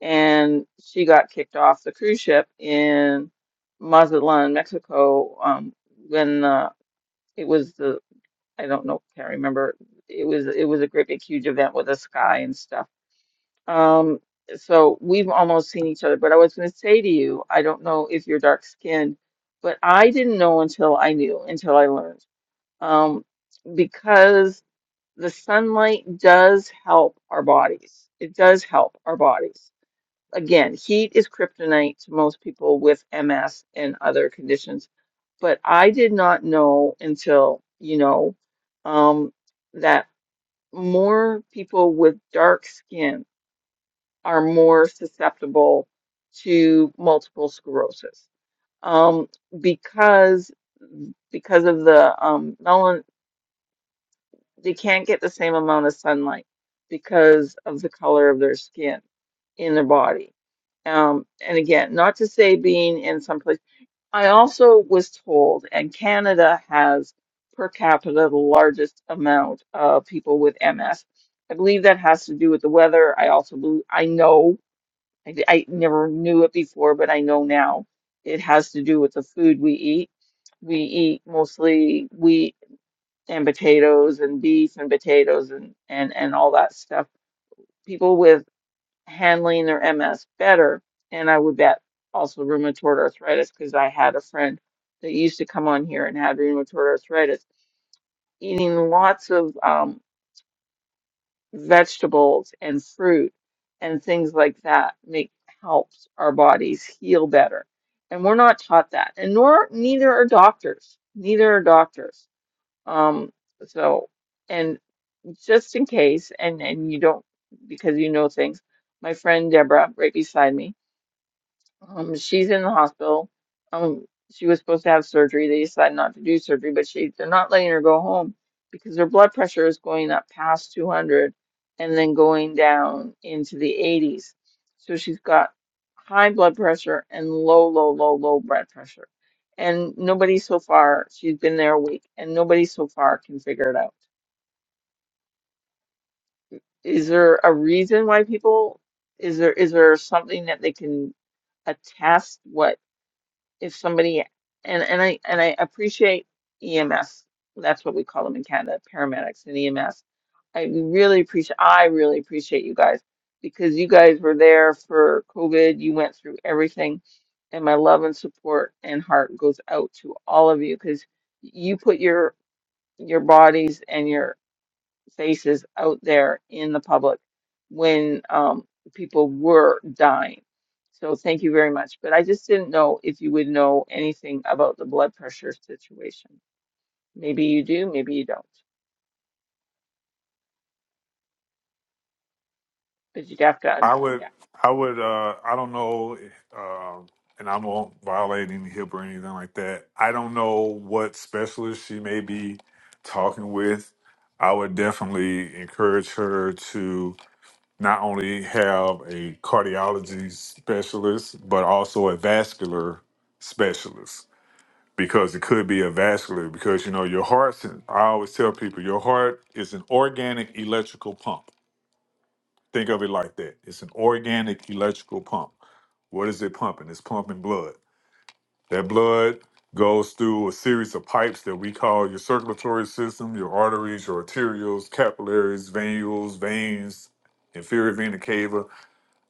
Speaker 1: And she got kicked off the cruise ship in Mazatlan, Mexico, um, when uh, it was the, I don't know, can't remember. It was it was a great big huge event with a sky and stuff um, so we've almost seen each other, but I was going to say to you, I don't know if you're dark skinned, but I didn't know until I knew, until I learned. Um, because the sunlight does help our bodies. It does help our bodies. Again, heat is kryptonite to most people with MS and other conditions, but I did not know until, you know, um, that more people with dark skin are more susceptible to multiple sclerosis um, because because of the um, melan- they can't get the same amount of sunlight because of the color of their skin in their body. Um, and again, not to say being in some place. I also was told, and Canada has per capita the largest amount of people with MS. I believe that has to do with the weather. I also believe, I know I, I never knew it before, but I know now. It has to do with the food we eat. We eat mostly wheat and potatoes and beef and potatoes and, and, and all that stuff. People with handling their MS better, and I would bet also rheumatoid arthritis because I had a friend that used to come on here and had rheumatoid arthritis, eating lots of um, vegetables and fruit and things like that make helps our bodies heal better. And we're not taught that. And nor neither are doctors. Neither are doctors. Um, so and just in case and and you don't because you know things, my friend Deborah right beside me um, she's in the hospital. Um, she was supposed to have surgery. They decided not to do surgery, but she they're not letting her go home because her blood pressure is going up past 200 and then going down into the 80s. So she's got high blood pressure and low, low, low, low blood pressure. And nobody so far, she's been there a week, and nobody so far can figure it out. Is there a reason why people, is there is there something that they can attest what? if somebody and and I and I appreciate EMS. That's what we call them in Canada, paramedics and EMS. I really appreciate I really appreciate you guys because you guys were there for COVID. You went through everything, and my love and support and heart goes out to all of you because you put your your bodies and your faces out there in the public when um, people were dying. So thank you very much. But I just didn't know if you would know anything about the blood pressure situation. Maybe you do, maybe you don't. But you'd have to,
Speaker 5: I would,
Speaker 1: yeah,
Speaker 5: I would, uh, I don't know, um and I won't violate any HIP or anything like that. I don't know what specialist she may be talking with. I would definitely encourage her to not only have a cardiology specialist, but also a vascular specialist because it could be a vascular because you know your heart's an- I always tell people your heart is an organic electrical pump. Think of it like that. It's an organic electrical pump. What is it pumping? It's pumping blood. That blood goes through a series of pipes that we call your circulatory system, your arteries, your arterioles, capillaries, venules, veins, inferior vena cava,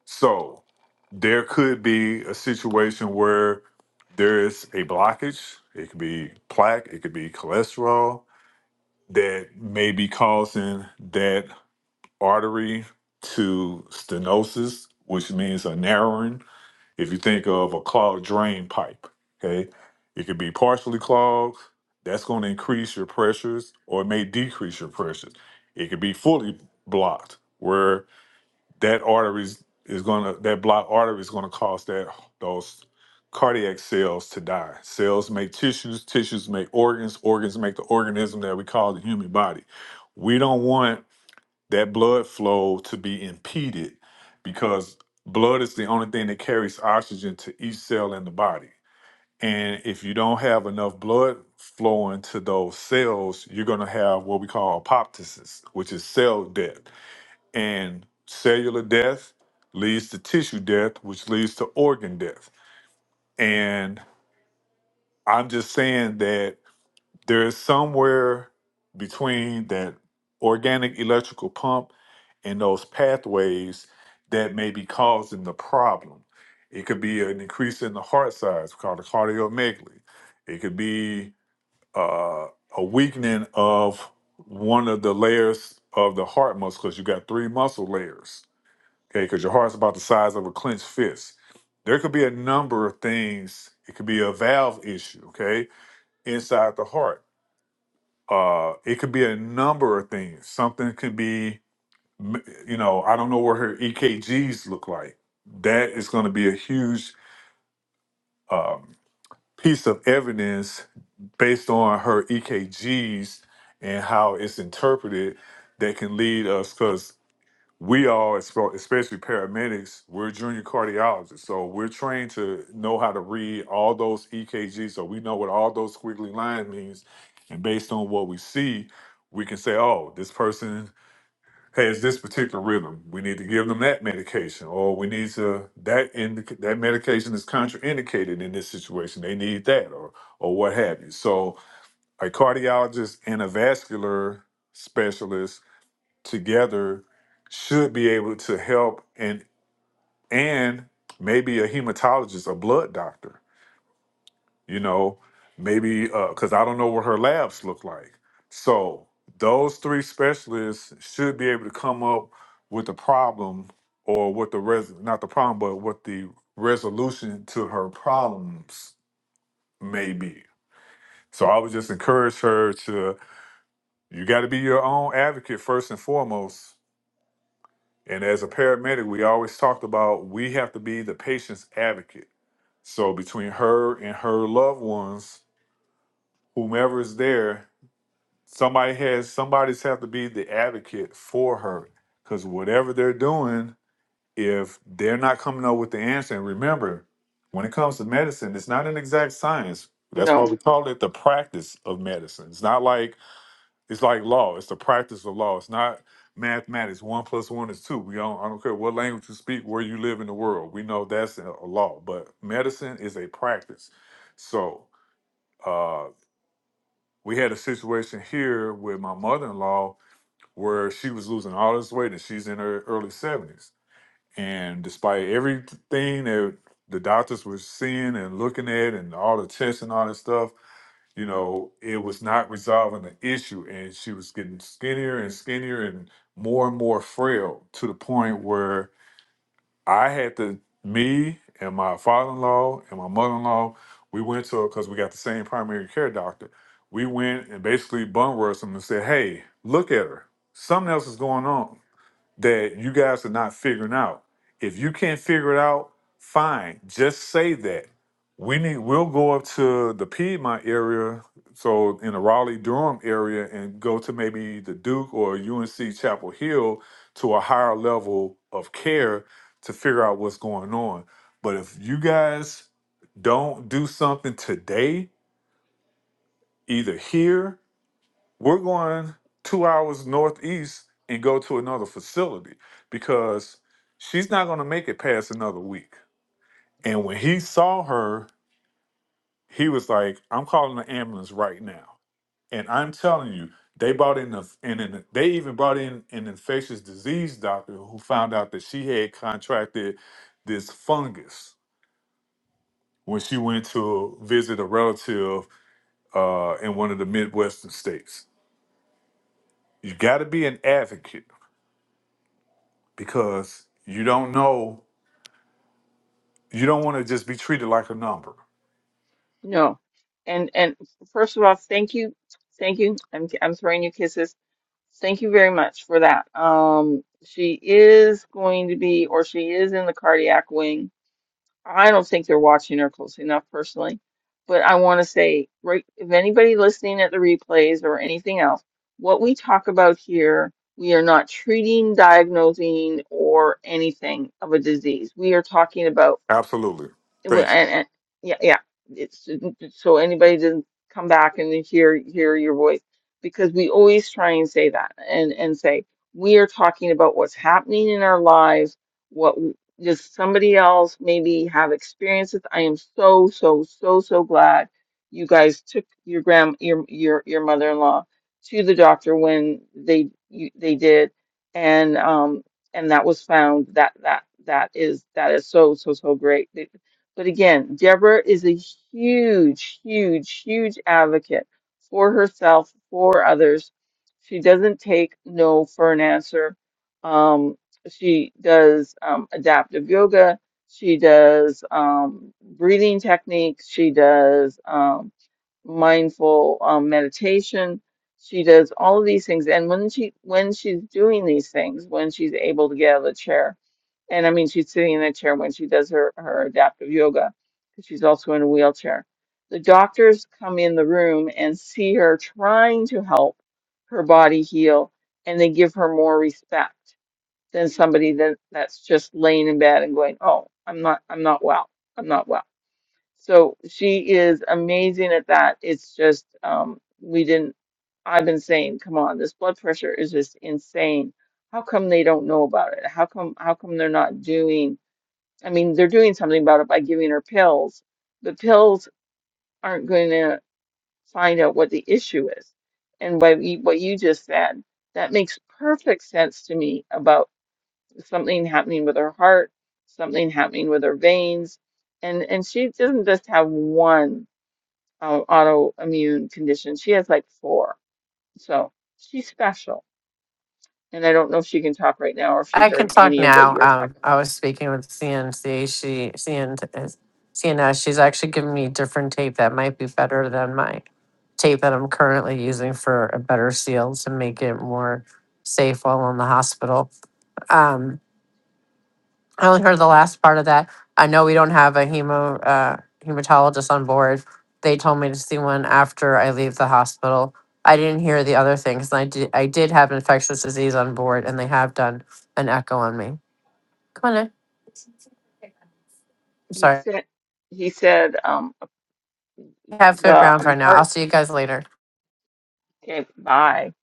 Speaker 5: so there could be a situation where there is a blockage. It could be plaque, it could be cholesterol that may be causing that artery to stenosis, which means a narrowing. If you think of a clogged drain pipe, okay, it could be partially clogged. That's going to increase your pressures or it may decrease your pressures. It could be fully blocked, where that arteries is gonna that blocked artery is gonna cause that those cardiac cells to die. Cells make tissues, tissues make organs, organs make the organism that we call the human body. We don't want that blood flow to be impeded because blood is the only thing that carries oxygen to each cell in the body. And if you don't have enough blood flowing to those cells, you're going to have what we call apoptosis, which is cell death and cellular death leads to tissue death, which leads to organ death. And I'm just saying that there is somewhere between that organic electrical pump and those pathways that may be causing the problem. It could be an increase in the heart size called a cardiomegaly. It could be uh, a weakening of one of the layers of the heart muscle because you got three muscle layers okay? Because your heart's about the size of a clenched fist. There could be a number of things. It could be a valve issue, okay, inside the heart. Uh, it could be a number of things. Something could be, m- you know, I don't know what her EKGs look like. That is going to be a huge um, piece of evidence based on her EKGs and how it's interpreted that can lead us. Because we all, especially paramedics, we're junior cardiologists. So we're trained to know how to read all those EKGs. So we know what all those squiggly lines means. And based on what we see, we can say, oh, this person has this particular rhythm. We need to give them that medication. Or we need to, that indic- that medication is contraindicated in this situation. They need that or, or what have you. So a cardiologist and a vascular specialist together should be able to help and and maybe a hematologist a blood doctor you know maybe because i don't know what her labs look like so those three specialists should be able to come up with the problem or what the res not the problem but what the resolution to her problems may be so i would just encourage her to you got to be your own advocate first and foremost And as a paramedic, we always talked about we have to be the patient's advocate. So between her and her loved ones, whomever is there, somebody has somebody's have to be the advocate for her. Because whatever they're doing, if they're not coming up with the answer, and remember, when it comes to medicine, it's not an exact science. That's
Speaker 1: no,
Speaker 5: why we call it the practice of medicine. It's not like it's like law. It's the practice of law. It's not mathematics. One plus one is two. We don't. I don't care what language you speak, where you live in the world. We know that's a a law. But medicine is a practice. So uh, we had a situation here with my mother-in-law where she was losing all this weight, and she's in her early seventies. And despite everything that the doctors were seeing and looking at, and all the tests and all that stuff, you know, it was not resolving the issue, and she was getting skinnier and skinnier and more and more frail to the point where I had to, me and my father in law and my mother in law, we went to her because we got the same primary care doctor. We went and basically bum rushed them and said, "Hey, look at her. Something else is going on that you guys are not figuring out. If you can't figure it out, fine. Just say that. We need we'll go up to the Piedmont area, so in the Raleigh Durham area, and go to maybe the Duke or UNC Chapel Hill to a higher level of care to figure out what's going on. But if you guys don't do something today, either here we're going two hours northeast and go to another facility because she's not going to make it past another week. And when he saw her, he was like, I'm calling the ambulance right now. And I'm telling you, they brought in a, and in, they even brought in an infectious disease doctor who found out that she had contracted this fungus when she went to visit a relative uh, in one of the Midwestern states. You got to be an advocate because you don't know. You don't want to just be treated like a number.
Speaker 1: no. And and first of all, thank you, thank you. I'm I'm throwing you kisses. Thank you very much for that. Um, she is going to be, or she is in the cardiac wing I don't think they're watching her closely enough personally. But I want to say, right, if anybody listening at the replays or anything else, what we talk about here, we are not treating, diagnosing, or anything of a disease. We are talking about
Speaker 5: Absolutely.
Speaker 1: well,
Speaker 5: Thank you.
Speaker 1: and, and yeah, yeah. It's so anybody doesn't come back and hear hear your voice because we always try and say that and and say we are talking about what's happening in our lives. What w- does somebody else maybe have experiences? I am so so so so glad you guys took your grand your your your mother-in-law to the doctor when they you, they did and um and that was found that that that is that is so so so great but again, Deborah is a huge, huge, huge advocate for herself, for others. She doesn't take no for an answer. Um, she does um, adaptive yoga. She does um, breathing techniques. She does um, mindful um, meditation. She does all of these things. And when she when she's doing these things, when she's able to get out of the chair, and I mean, she's sitting in a chair when she does her, her adaptive yoga because she's also in a wheelchair. The doctors come in the room and see her trying to help her body heal, and they give her more respect than somebody that, that's just laying in bed and going, "Oh, I'm not, I'm not well. I'm not well." So she is amazing at that. It's just um, we didn't. I've been saying, come on, this blood pressure is just insane. How come they don't know about it? How come how come they're not doing? I mean, they're doing something about it by giving her pills, but pills aren't going to find out what the issue is. And by y- what you just said, that makes perfect sense to me about something happening with her heart, something happening with her veins, and and she doesn't just have one uh, autoimmune conditions. She has like four. So she's special. And I don't know if she can talk right now or if she
Speaker 4: I can
Speaker 1: heard
Speaker 4: talk
Speaker 1: any of what
Speaker 4: now.
Speaker 1: you were
Speaker 4: Um,
Speaker 1: talking about.
Speaker 4: I was speaking with CNC. She CN, is- CNS. She's actually giving me different tape that might be better than my tape that I'm currently using for a better seal to make it more safe while in the hospital. Um, I only heard the last part of that. I know we don't have a hemo uh, hematologist on board. They told me to see one after I leave the hospital. I didn't hear the other things. and I did. I did have infectious disease on board, and they have done an echo on me. Come on, in.
Speaker 1: He
Speaker 4: sorry,
Speaker 1: said, he said, um,
Speaker 4: I have it
Speaker 1: the
Speaker 4: round
Speaker 1: um,
Speaker 4: right now. I'll
Speaker 1: heart
Speaker 4: see you guys later.
Speaker 1: gave by.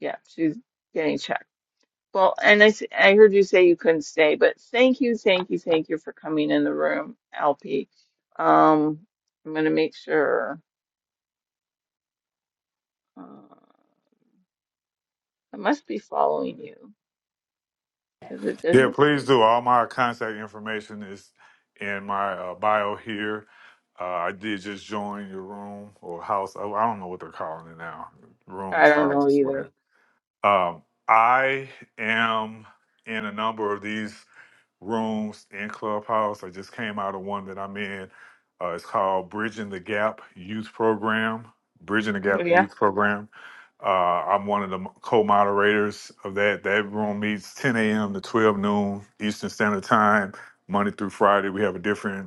Speaker 1: Yeah, she's getting checked. Well, and I, s- I heard you say you couldn't stay, but thank you, thank you, thank you for coming in the room, LP. Um, I'm going to make sure, uh, I must be following you because it
Speaker 5: Yeah,
Speaker 1: doesn't
Speaker 5: please
Speaker 1: say.
Speaker 5: do. All my contact information is in my uh, bio here. Uh, I did just join your room or house. Oh, I don't know what they're calling it now.
Speaker 1: I
Speaker 5: Rooms,
Speaker 1: don't know
Speaker 5: houses,
Speaker 1: either.
Speaker 5: whatever. Um, I am in a number of these rooms in Clubhouse. I just came out of one that I'm in. Uh, it's called Bridging the Gap Youth Program. Bridging the Gap Youth Program. Uh, I'm one of the co-moderators of that. That room meets 10 a.m. to 12 noon Eastern Standard Time, Monday through Friday. We have a different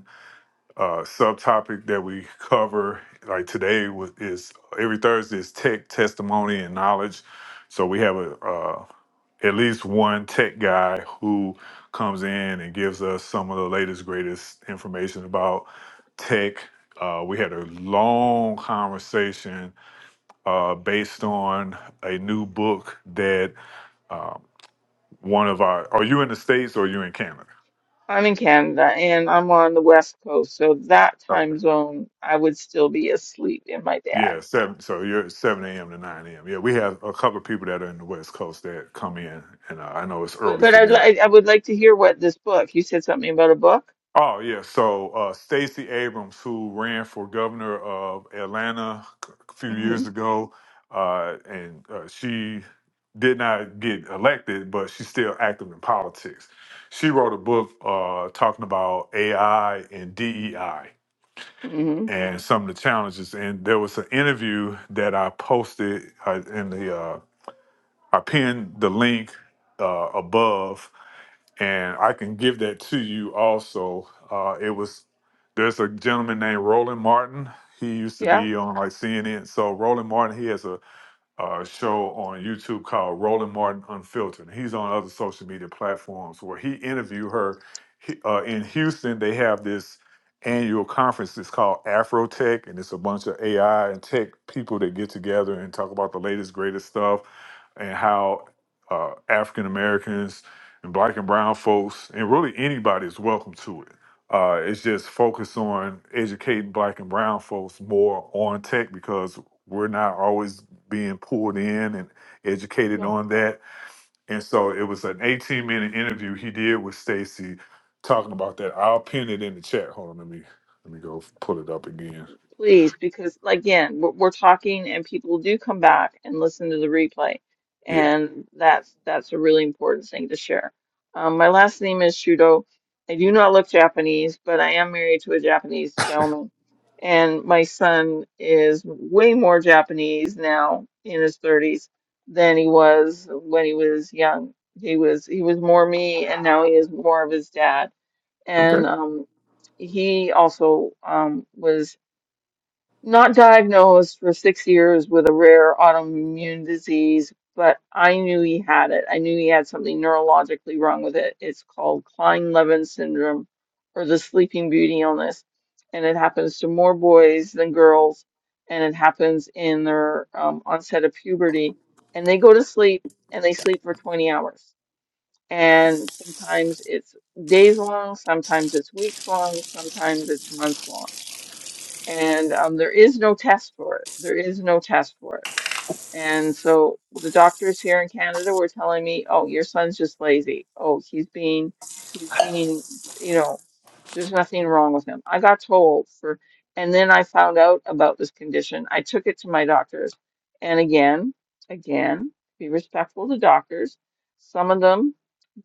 Speaker 5: uh, subtopic that we cover like today was, is every Thursday is tech testimony and knowledge. So we have a uh, at least one tech guy who comes in and gives us some of the latest greatest information about tech. Uh, we had a long conversation uh, based on a new book that uh, one of our. Are you in the states or are you in Canada?
Speaker 1: I'm in Canada and I'm on the West Coast, so that
Speaker 5: Okay.
Speaker 1: time zone I would still be asleep in my dad.
Speaker 5: Yeah, seven. So you're seven a.m. to nine a.m. Yeah, we have a couple of people that are in the West Coast that come in, and uh, I know it's
Speaker 1: But
Speaker 5: early
Speaker 1: but
Speaker 5: for
Speaker 1: I'd
Speaker 5: them.
Speaker 1: li I would like to hear what this book. You said something about a book?
Speaker 5: Oh yeah, so uh, Stacey Abrams, who ran for governor of Atlanta a few
Speaker 1: Mm-hmm.
Speaker 5: years ago, uh, and uh, she did not get elected, but she's still active in politics. She wrote a book uh, talking about AI and DEI
Speaker 1: Mm-hmm.
Speaker 5: and some of the challenges. And there was an interview that I posted uh, in the uh, I pinned the link uh, above, and I can give that to you also. Uh, it was there's a gentleman named Roland Martin. He used to
Speaker 1: Yeah.
Speaker 5: be on like CNN. So Roland Martin, he has a uh, show on YouTube called Roland Martin Unfiltered. He's on other social media platforms where he interviewed her He- uh, in Houston. They have this annual conference. It's called Afrotech, and it's a bunch of AI and tech people that get together and talk about the latest, greatest stuff and how uh, African Americans and Black and Brown folks and really anybody is welcome to it. Uh, it's just focused on educating Black and Brown folks more on tech because we're not always being pulled in and educated on that. And so it was an 18 minute interview he did with Stacy talking about that. I'll pin it in the chat. Hold on, let me let me go pull it up again.
Speaker 1: Please, because like, again, we're, we're talking and people do come back and listen to the replay.
Speaker 5: Yeah.
Speaker 1: And that's that's a really important thing to share. Um, my last name is Shudo. I do not look Japanese, but I am married to a Japanese gentleman. And my son is way more Japanese now in his 30s than he was when he was young. He was he was more me, and now he is more of his dad.
Speaker 5: Okay.
Speaker 1: And um, he also um, was not diagnosed for six years with a rare autoimmune disease, but I knew he had it. I knew he had something neurologically wrong with it. It's called Klein-Levin syndrome or the sleeping beauty illness. And it happens to more boys than girls. And it happens in their um, onset of puberty. And they go to sleep and they sleep for 20 hours. And sometimes it's days long, sometimes it's weeks long, sometimes it's months long and um, there is no test for it. There is no test for it. And so the doctors here in Canada were telling me, "Oh, your son's just lazy. Oh, he's being, he's being, you know." There's nothing wrong with him. I got told for, and then I found out about this condition. I took it to my doctors. And again, again, be respectful to doctors. Some of them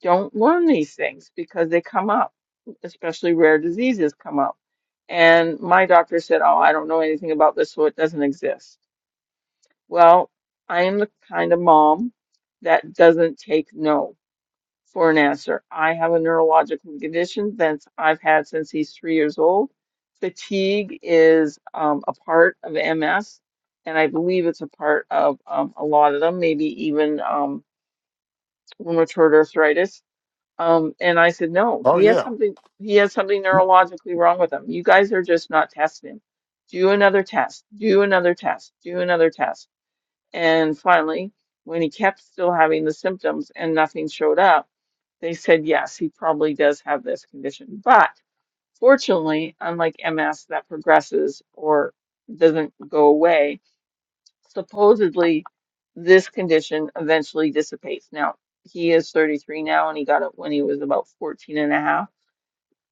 Speaker 1: don't learn these things because they come up, especially rare diseases come up. And my doctor said, Oh, I don't know anything about this, so it doesn't exist. Well, I am the kind of mom that doesn't take no. For an answer, I have a neurological condition that I've had since he's three years old. Fatigue is um, a part of MS, and I believe it's a part of um, a lot of them, maybe even um, rheumatoid arthritis. Um, and I said, no,
Speaker 5: Oh
Speaker 1: he has
Speaker 5: yeah.
Speaker 1: something. He has something neurologically wrong with him. You guys are just not testing him. Do another test. Do another test. Do another test. And finally, when he kept still having the symptoms and nothing showed up they said, yes, he probably does have this condition. But fortunately, unlike MS that progresses or doesn't go away, supposedly this condition eventually dissipates. Now, he is 33 now, and he got it when he was about 14 and a half.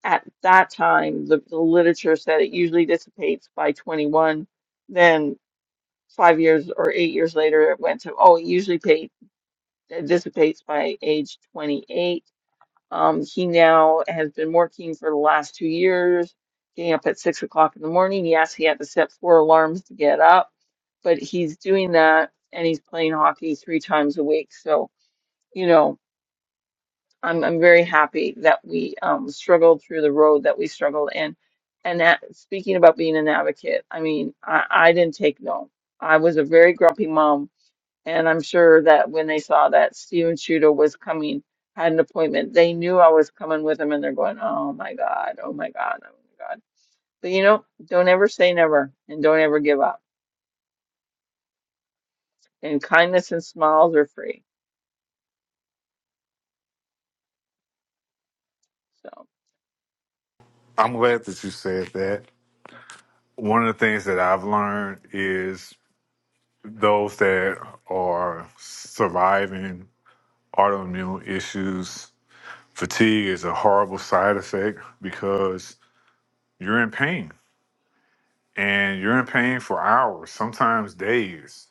Speaker 1: At that time, the, the literature said it usually dissipates by 21. Then five years or eight years later, it went to, oh, it usually pay, dissipates by age 28 um, he now has been working for the last two years, getting up at six o'clock in the morning. Yes, he had to set four alarms to get up, but he's doing that and he's playing hockey three times a week. So, you know, I'm I'm very happy that we um, struggled through the road that we struggled in. And that, speaking about being an advocate, I mean, I, I didn't take no. I was a very grumpy mom and I'm sure that when they saw that Steven Shooter was coming, had an appointment, they knew I was coming with them and they're going, Oh my God, oh my God, oh my God. But you know, don't ever say never and don't ever give up. And kindness and smiles are free. So I-
Speaker 5: I'm glad that you said that. One of the things that I've learned is those that are surviving autoimmune issues, fatigue is a horrible side effect because you're in pain and you're in pain for hours, sometimes days.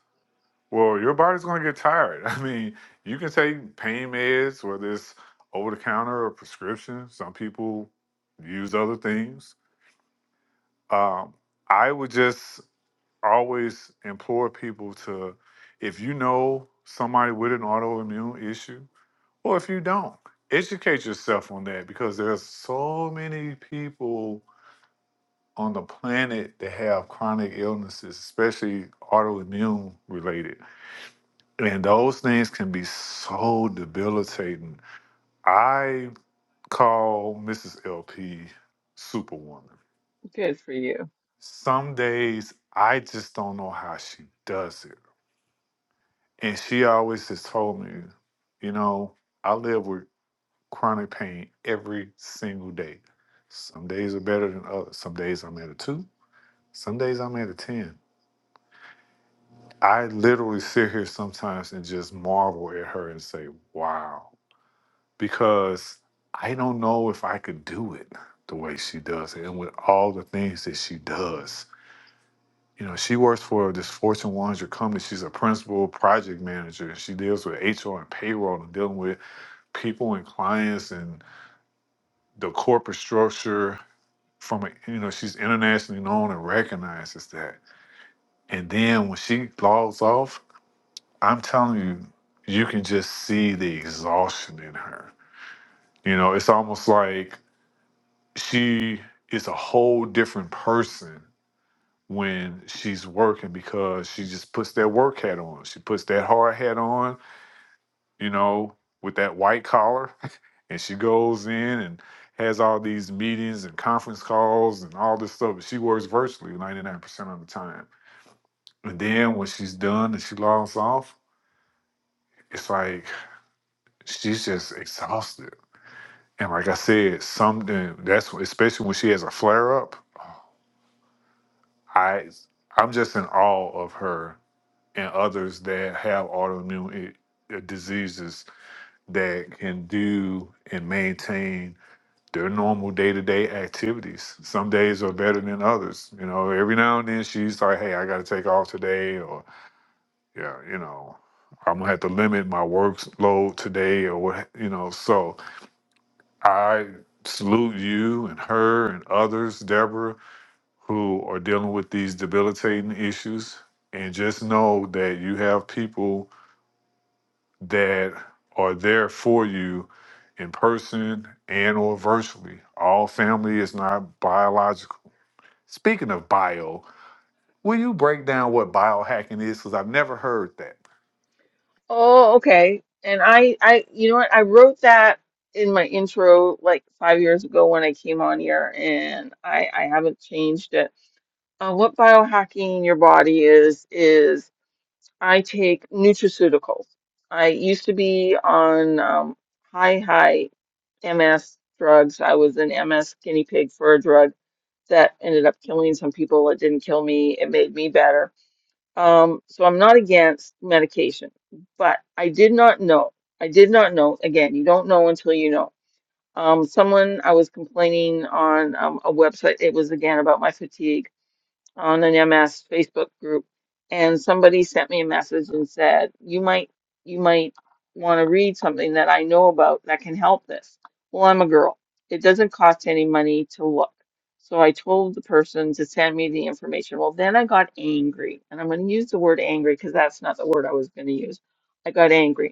Speaker 5: Well, your body's going to get tired. I mean, you can take pain meds, whether it's over the counter or prescription. Some people use other things. Um, I would just always implore people to, if you know somebody with an autoimmune issue, or if you don't, educate yourself on that because there's so many people on the planet that have chronic illnesses, especially autoimmune related. And those things can be so debilitating. I call Mrs. LP Superwoman.
Speaker 1: good for you.
Speaker 5: Some days I just don't know how she does it. And she always has told me, you know, I live with chronic pain every single day. Some days are better than others. Some days I'm at a two, some days I'm at a 10. I literally sit here sometimes and just marvel at her and say, wow, because I don't know if I could do it the way she does it and with all the things that she does. You know, she works for this Fortune 100 company. She's a principal project manager. She deals with HR and payroll and dealing with people and clients and the corporate structure. From a, you know, she's internationally known and recognizes that. And then when she logs off, I'm telling you, you can just see the exhaustion in her. You know, it's almost like she is a whole different person when she's working because she just puts that work hat on. She puts that hard hat on, you know, with that white collar, and she goes in and has all these meetings and conference calls and all this stuff. But she works virtually 99% of the time. And then when she's done and she logs off, it's like she's just exhausted And like I said, something that's especially when she has a flare up. I I'm just in awe of her and others that have autoimmune i- diseases that can do and maintain their normal day to day activities. Some days are better than others. You know, every now and then she's like, "Hey, I got to take off today," or "Yeah, you know, I'm gonna have to limit my workload today," or what you know. So I salute you and her and others, Deborah, who are dealing with these debilitating issues. And just know that you have people that are there for you in person and or virtually. All family is not biological. Speaking of bio, will you break down what biohacking is? Because I've never heard that.
Speaker 1: Oh, okay. And I, I, you know what? I wrote that in my intro like five years ago when I came on here and I, I haven't changed it. Uh, what biohacking your body is is, I take nutraceuticals. I used to be on um, high, high MS drugs. I was an MS guinea pig for a drug that ended up killing some people. It didn't kill me, it made me better. Um, so I'm not against medication, but I did not know. I did not know. Again, you don't know until you know. Um, someone I was complaining on um, a website, it was again about my fatigue on an MS Facebook group, and somebody sent me a message and said, "You might, you might want to read something that I know about that can help this." Well, I'm a girl. It doesn't cost any money to look. So I told the person to send me the information. Well, then I got angry, and I'm going to use the word angry because that's not the word I was going to use. I got angry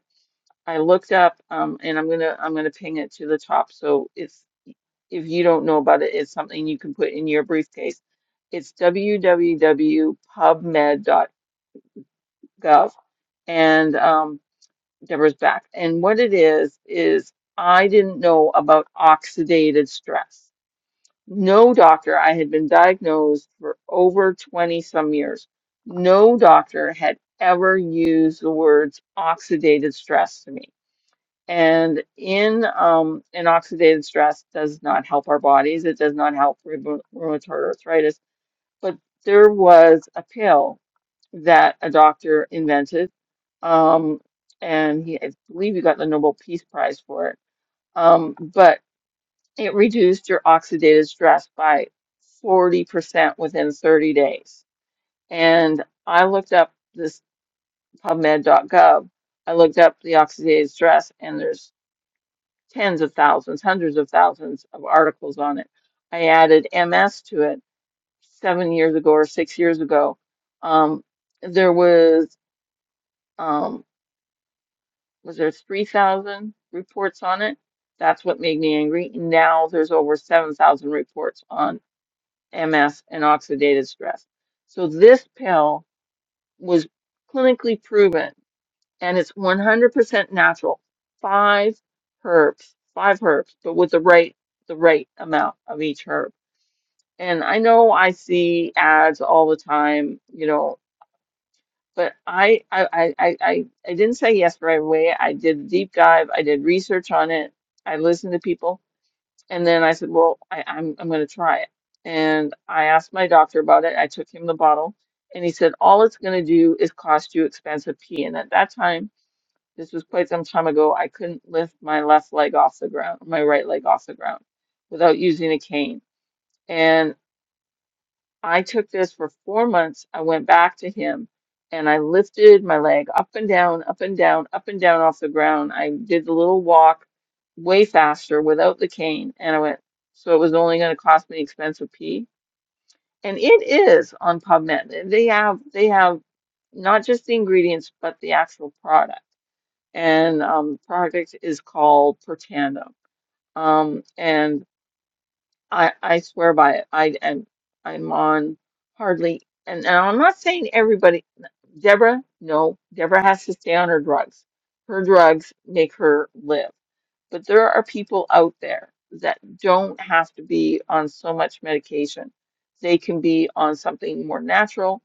Speaker 1: I looked up, um, and I'm gonna I'm gonna ping it to the top. So it's if you don't know about it, it's something you can put in your briefcase. It's www.pubmed.gov, and um, Deborah's back. And what it is is I didn't know about oxidative stress. No doctor. I had been diagnosed for over 20 some years. No doctor had ever used the words oxidative stress to me. And in um, in oxidative stress does not help our bodies. It does not help rheuma- rheumatoid arthritis. But there was a pill that a doctor invented, um, and he, I believe he got the Nobel Peace Prize for it. Um, but it reduced your oxidative stress by 40% within 30 days. And I looked up this PubMed.gov. I looked up the oxidative stress, and there's tens of thousands, hundreds of thousands of articles on it. I added MS to it seven years ago or six years ago. Um, there was um, was there 3,000 reports on it? That's what made me angry. Now there's over 7,000 reports on MS and oxidative stress. So this pill was clinically proven and it's 100% natural. Five herbs, five herbs, but with the right the right amount of each herb. And I know I see ads all the time, you know, but I I I I, I I didn't say yes right away. I did a deep dive. I did research on it. I listened to people, and then I said, well, I, I'm I'm going to try it. And I asked my doctor about it. I took him the bottle, and he said all it's going to do is cost you expensive pee. And at that time. This was quite some time ago. I couldn't lift my left leg off the ground, my right leg off the ground without using a cane. And I took this for four months. I went back to him and I lifted my leg up and down, up and down, up and down off the ground. I did the little walk way faster without the cane. And I went, so it was only going to cost me the expense of pee. And it is on PubMed. They have, they have not just the ingredients, but the actual product and um, the project is called Portando. Um, and I I swear by it. I and I'm on hardly, and, and I'm not saying everybody. Deborah, no, Deborah has to stay on her drugs. Her drugs make her live. But there are people out there that don't have to be on so much medication. They can be on something more natural,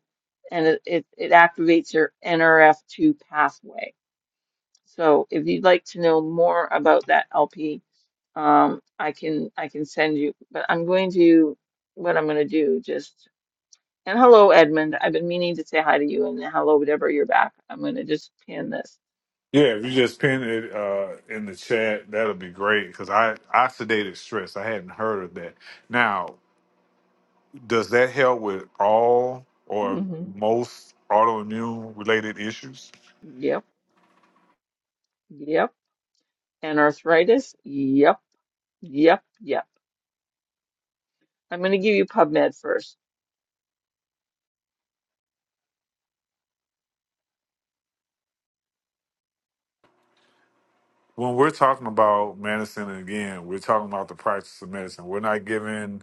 Speaker 1: and it, it, it activates your NRF2 pathway so if you'd like to know more about that LP, um, I can I can send you. But I'm going to what I'm going to do just and hello Edmund. I've been meaning to say hi to you and hello Deborah, you're back. I'm going to just pin this.
Speaker 5: Yeah, if you
Speaker 1: Oh,
Speaker 5: just pin it uh, in the chat, that'll be great. Because I oxidative stress, I hadn't heard of that. Now, Does that help with all or
Speaker 1: hmm
Speaker 5: most autoimmune related issues?
Speaker 1: Yep, yep. And arthritis. Yep, yep, yep. I'm going to give you PubMed first.
Speaker 5: When we're talking about medicine, again, we're talking about the practice of medicine. We're not giving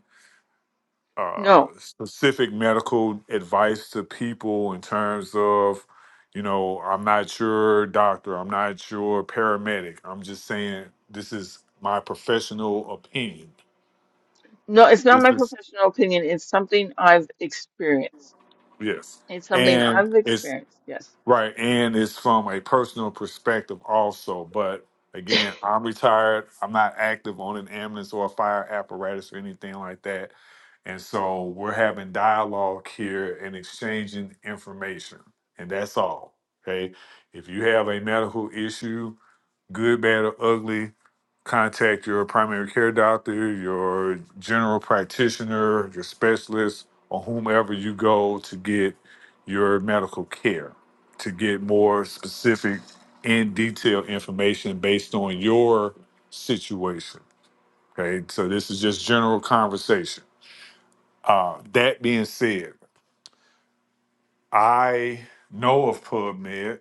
Speaker 5: uh,
Speaker 1: No,
Speaker 5: specific medical advice to people in terms of, you know, I'm not your doctor, I'm not your paramedic. I'm just saying this is my professional opinion.
Speaker 1: no, it's not
Speaker 5: This
Speaker 1: my
Speaker 5: is,
Speaker 1: professional opinion. It's something I've experienced.
Speaker 5: yes.
Speaker 1: It's something
Speaker 5: And
Speaker 1: I've
Speaker 5: it's
Speaker 1: experienced. Yes.
Speaker 5: Right, and it's from a personal perspective also. But again, I'm retired. I'm not active on an ambulance or a fire apparatus or anything like that. And so we're having dialogue here and exchanging information, and that's all. Okay. If you have a medical issue, good, bad, or ugly, contact your primary care doctor, your general practitioner, your specialist, or whomever you go to get your medical care, to get more specific and detailed information based on your situation. Okay, so this is just general conversation. Uh, that being said, I know of PubMed.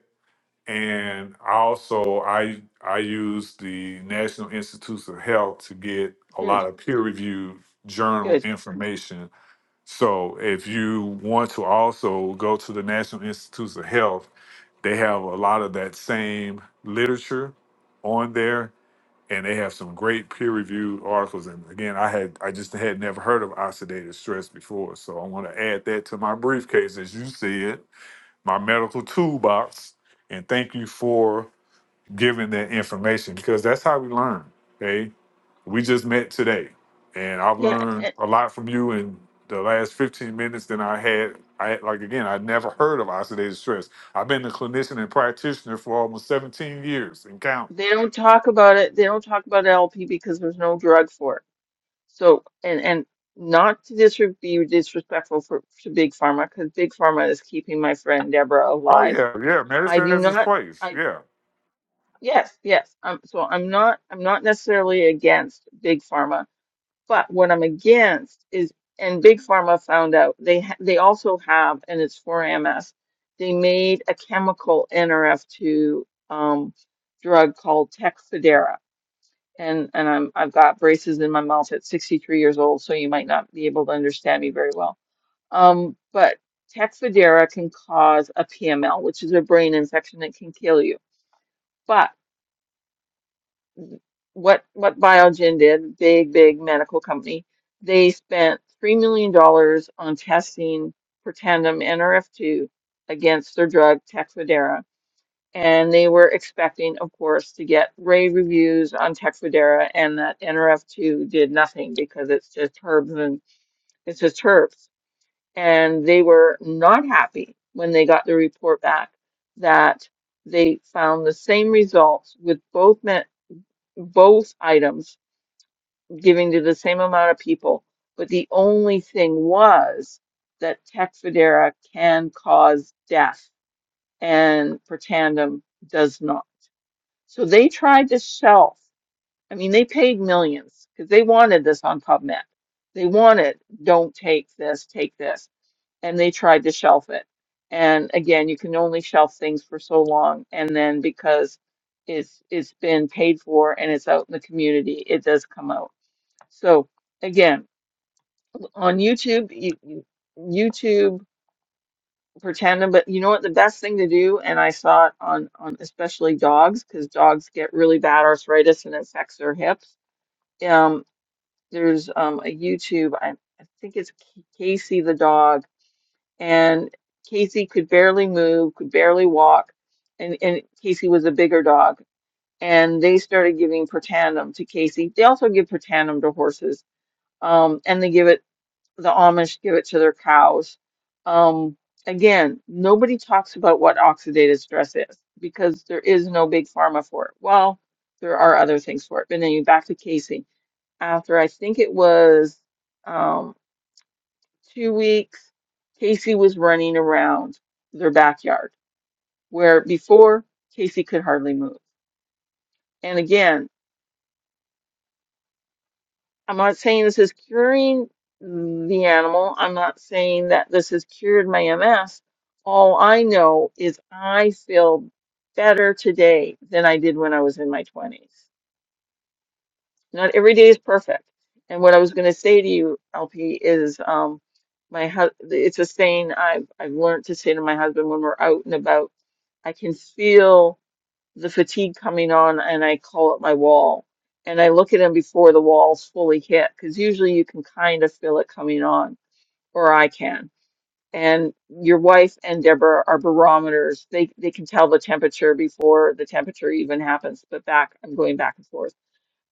Speaker 5: and also I I use the National Institutes of Health to get a
Speaker 1: Good.
Speaker 5: lot of peer reviewed journal
Speaker 1: Good.
Speaker 5: information. So if you want to also go to the National Institutes of Health, they have a lot of that same literature on there, and they have some great peer reviewed articles. And again, I had I just had never heard of oxidative stress before, so I want to add that to my briefcase, as you said my medical toolbox and thank you for giving that information because that's how we learn okay we just met today and i've
Speaker 1: Yeah,
Speaker 5: learned a lot from you in the last 15 minutes than i had i like again i never heard of oxidative stress i've been a clinician and practitioner for almost 17 years and count
Speaker 1: They don't talk about it. They don't talk about LP because there's no drug for it. So, and and not to dis be disrespectful for to Big Pharma because Big Pharma is keeping my friend Deborah
Speaker 5: oh
Speaker 1: alive.
Speaker 5: yeah yeah
Speaker 1: I
Speaker 5: medicine
Speaker 1: do
Speaker 5: has its
Speaker 1: not.
Speaker 5: place
Speaker 1: I
Speaker 5: yeah
Speaker 1: yes, yes. Um, so I'm not. I'm not necessarily against Big Pharma, but what I'm against is and Big Pharma found out they ha they also have and it's for MS. They made a chemical NRF2 um drug called Tecfidera and and I'm I've got braces in my mouth at 63 years old, so you might not be able to understand me very well. Um, but Tecfidera can cause a PML, which is a brain infection that can kill you. But what what Biogen did, big big medical company, they spent three million dollars on testing for tandem NRF2 against their drug Tecfidera and they were expecting, of course, to get rave reviews on Texfadera, and that NRF2 did nothing because it's just herbs and it's just herbs. And they were not happy when they got the report back that they found the same results with both met, both items giving to the same amount of people, but the only thing was that Texfadera can cause death and Protandim does not. So they tried to shelf. I mean, they paid millions because they wanted this on PubMed. They wanted, don't take this, take this. And they tried to shelf it. And again, you can only shelf things for so long. And then because it's it's been paid for and it's out in the community, it does come out. So again, on YouTube, you, you- YouTube pretending but you know what the best thing to do and i saw it on on especially dogs because dogs get really bad arthritis and affects their hips um there's um a youtube i, I think it's K- casey the dog and casey could barely move could barely walk and and casey was a bigger dog and they started giving Protandim to casey they also give Protandim to horses um and they give it the Amish give it to their cows. Um, again, nobody talks about what oxidative stress is because there is no big pharma for it. Well, there are other things for it. But anyway, back to Casey. After I think it was um, two weeks, Casey was running around their backyard where before Casey could hardly move. And again, I'm not saying this is curing the animal. I'm not saying that this has cured my MS. All I know is I feel better today than I did when I was in my 20s. Not every day is perfect. And what I was going to say to you, LP, is um, my hus- it's a saying I've I've learned to say to my husband when we're out and about. I can feel the fatigue coming on and I call it my wall. And I look at him before the wall's fully hit because usually you can kind of feel it coming on, or I can. And your wife and Deborah are barometers. They they can tell the temperature before the temperature even happens. But back, I'm going back and forth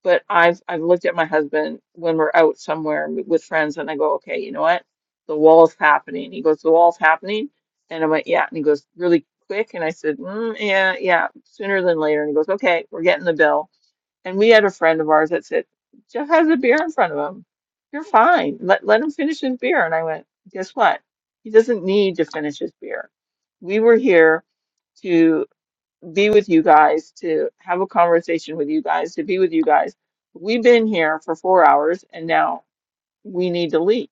Speaker 1: but I've I've looked at my husband when we're out somewhere with friends, and I go, okay, you know what? The wall's happening. He goes, the wall's happening, and I went, yeah. And he goes, really quick, and I said, mm, yeah, yeah, sooner than later. And he goes, okay, we're getting the bill. And we had a friend of ours that said, Jeff has a beer in front of him. You're fine. Let let him finish his beer. And I went, guess what? He doesn't need to finish his beer. We were here be with you guys, to have a conversation with you guys, to be with you guys. We've been here for four hours and now we need to leave.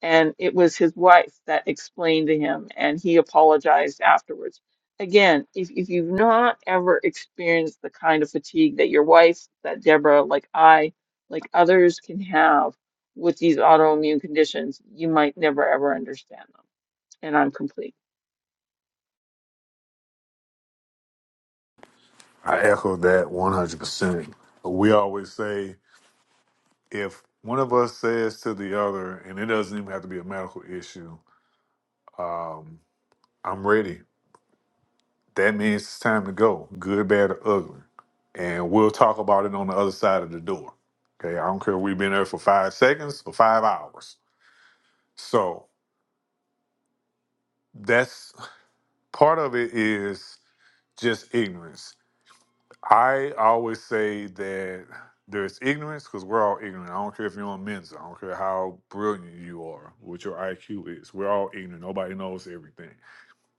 Speaker 1: And it was his wife that explained to him and he apologized afterwards. Again, if, if you've not ever experienced the kind of fatigue that your wife, that Deborah, like I, like others can have with these autoimmune conditions, you might never ever understand them. And I'm complete.
Speaker 5: i echo that 100% we always say if one of us says to the other and it doesn't even have to be a medical issue I'm ready. That means it's time to go, good, bad, or ugly. And we'll talk about it on the other side of the door. Okay. I don't care if we've been there for five seconds or five hours. So that's part of it is just ignorance. I always say that there's ignorance because we're all ignorant. I don't care if you're on Mensa. I don't care how brilliant you are, what your IQ is. We're all ignorant. Nobody knows everything.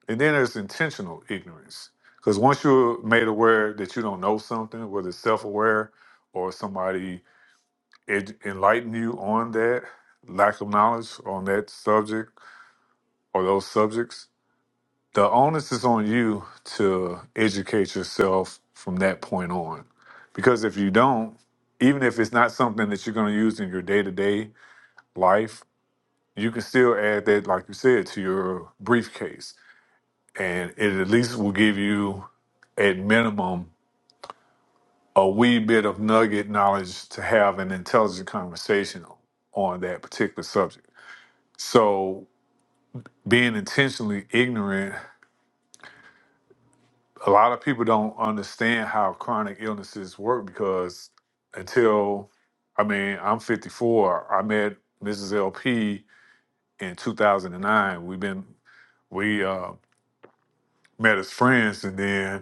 Speaker 5: And then there's intentional ignorance. Because once you're made aware that you don't know something, whether it's self aware or somebody ed- enlighten you on that lack of knowledge on that subject or those subjects, the onus is on you to educate yourself from that point on. Because if you don't, even if it's not something that you're going to use in your day to day life, you can still add that, like you said, to your briefcase and it at least will give you, at minimum, a wee bit of nugget knowledge to have an intelligent conversation on that particular subject. So, being intentionally ignorant, a lot of people don't understand how chronic illnesses work because until, I mean, I'm 54. I met Mrs. LP in 2009. We've been, we uh, met as friends, and then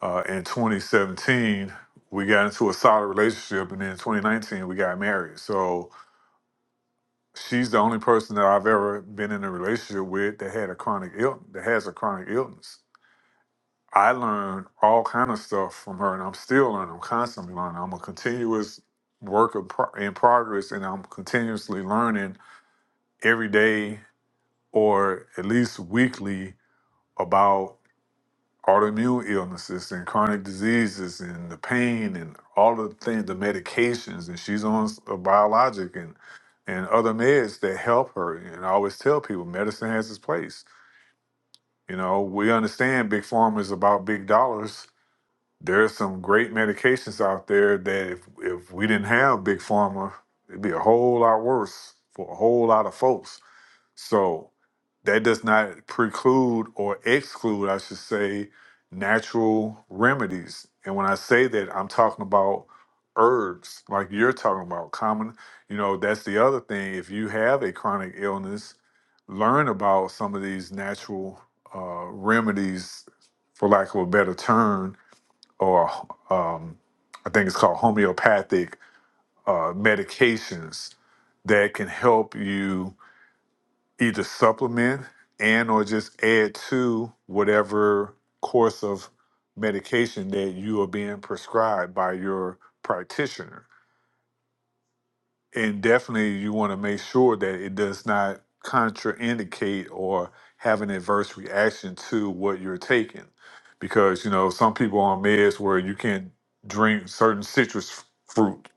Speaker 5: Uh, in 2017, we got into a solid relationship, and then in 2019, we got married. So she's the only person that I've ever been in a relationship with that had a chronic ill that has a chronic illness. I learned all kind of stuff from her, and I'm still learning. I'm constantly learning. I'm a continuous work of pro- in progress, and I'm continuously learning every day or at least weekly about autoimmune illnesses and chronic diseases and the pain and all the things, the medications, and she's on s- a biologic and and other meds that help her. And I always tell people, medicine has its place. You know, we understand big pharma is about big dollars. There's some great medications out there that if if we didn't have big pharma, it'd be a whole lot worse for a whole lot of folks so that does not preclude or exclude, I should say, natural remedies. And when I say that, I'm talking about herbs, like you're talking about common. You know, that's the other thing. If you have a chronic illness, learn about some of these natural uh, remedies, for lack of a better term, or um, I think it's called homeopathic uh, medications that can help you either supplement and or just add to whatever course of medication that you are being prescribed by your practitioner. And definitely you want to make sure that it does not contraindicate or have an adverse reaction to what you're taking. Because, you know, some people on meds where you can't drink certain citrus f- fruit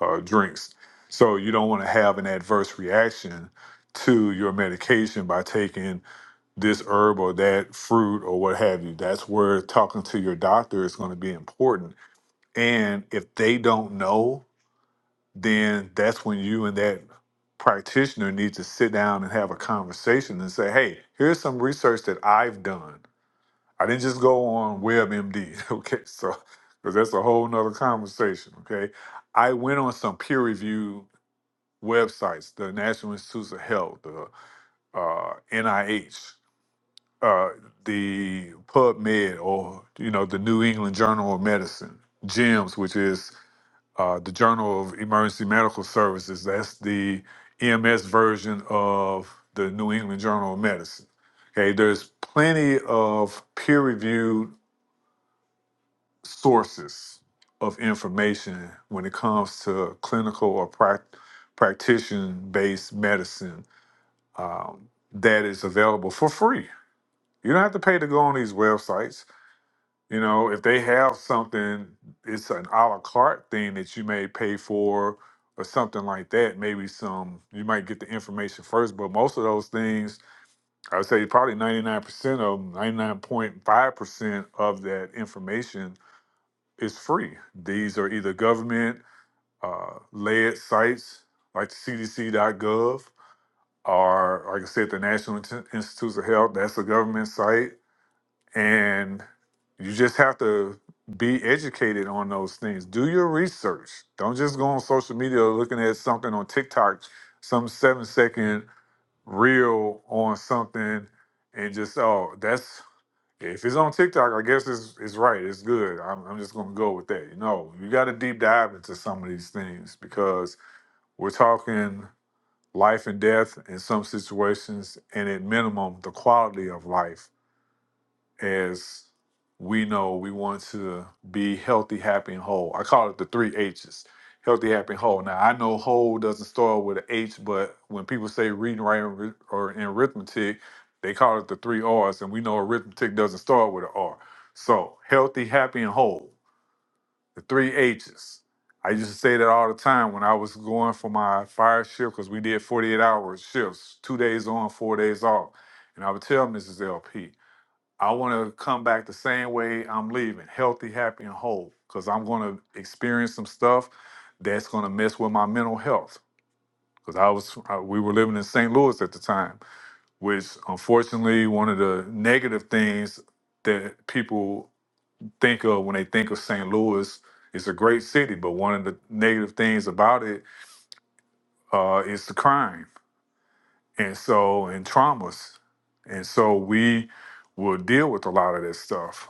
Speaker 5: uh, drinks. So you don't want to have an adverse reaction to your medication by taking this herb or that fruit or what have you. That's where talking to your doctor is going to be important. And if they don't know, then that's when you and that practitioner need to sit down and have a conversation and say, hey, here's some research that I've done. I didn't just go on WebMD, okay? So, because that's a whole nother conversation, okay? I went on some peer reviewed websites, the National Institutes of Health, the uh, NIH, uh, the PubMed or you know the New England Journal of Medicine, JEMS, which is uh, the Journal of Emergency Medical Services. That's the EMS version of the New England Journal of Medicine. Okay, there's plenty of peer-reviewed sources of information when it comes to clinical or prac practitioner-based medicine um, that is available for free. You don't have to pay to go on these websites You know, if they have something, it's an a la carte thing that you may pay for or something like that. Maybe some, you might get the information first, but most of those things, I would say probably 99% of them, 99.5% of that information is free. These are either government uh, led sites like cdc.gov or, like I said, the National Institutes of Health, that's a government site and you just have to be educated on those things. Do your research. Don't just go on social media looking at something on TikTok, some seven second reel on something, and just oh, that's if it's on TikTok, I guess it's it's right. It's good. I'm, I'm just gonna go with that. No, you got to deep dive into some of these things because we're talking life and death in some situations, and at minimum, the quality of life as we know we want to be healthy, happy, and whole. I call it the three H's healthy, happy, and whole. Now, I know whole doesn't start with an H, but when people say reading, writing, arith- or in arithmetic, they call it the three R's, and we know arithmetic doesn't start with an R. So, healthy, happy, and whole, the three H's. I used to say that all the time when I was going for my fire shift because we did 48 hour shifts, two days on, four days off. And I would tell Mrs. LP, I want to come back the same way I'm leaving, healthy, happy, and whole, because I'm going to experience some stuff that's going to mess with my mental health. Because I was, I, we were living in St. Louis at the time, which unfortunately, one of the negative things that people think of when they think of St. Louis is a great city, but one of the negative things about it uh, is the crime, and so and traumas, and so we will deal with a lot of this stuff.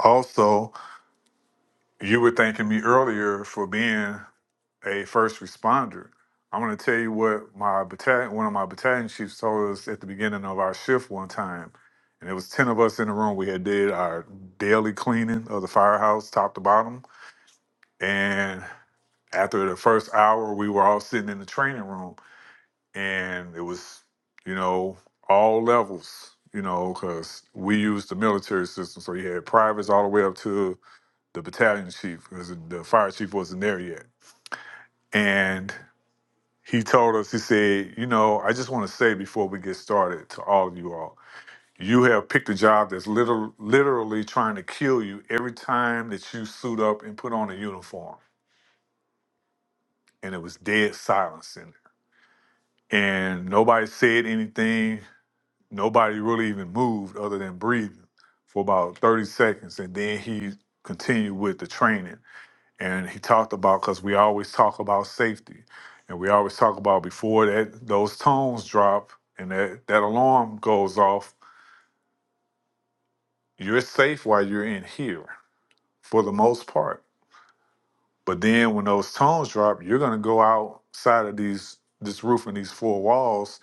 Speaker 5: Also, You were thanking me earlier for being a first responder. I'm going to tell you what my battalion, one of my battalion chiefs told us at the beginning of our shift one time. And it was 10 of us in the room. We had did our daily cleaning of the firehouse, top to bottom. And after the first hour, we were all sitting in the training room. And it was, you know, all levels, you know, because we used the military system. So you had privates all the way up to the battalion chief, because the fire chief wasn't there yet. And he told us, he said, You know, I just want to say before we get started to all of you all, you have picked a job that's liter- literally trying to kill you every time that you suit up and put on a uniform. And it was dead silence in there. And nobody said anything. Nobody really even moved other than breathing for about 30 seconds. And then he continued with the training and he talked about because we always talk about safety and we always talk about before that those tones drop and that, that alarm goes off you're safe while you're in here for the most part but then when those tones drop you're going to go outside of these this roof and these four walls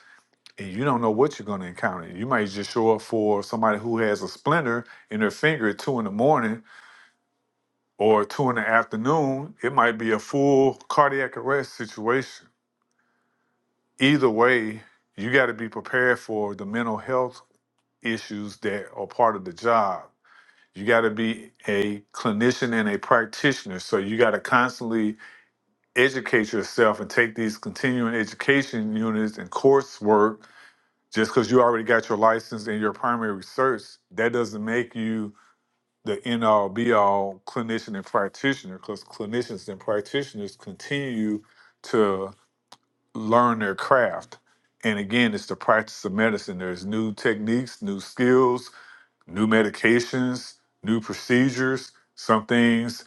Speaker 5: and you don't know what you're going to encounter you might just show up for somebody who has a splinter in their finger at two in the morning or two in the afternoon it might be a full cardiac arrest situation either way, you got to be prepared for the mental health issues that are part of the job. You got to be a clinician and a practitioner. So you got to constantly educate yourself and take these continuing education units and coursework. Just because you already got your license and your primary research, that doesn't make you the end all be all clinician and practitioner because clinicians and practitioners continue to learn their craft. And again, it's the practice of medicine. There's new techniques, new skills, new medications, new procedures. Some things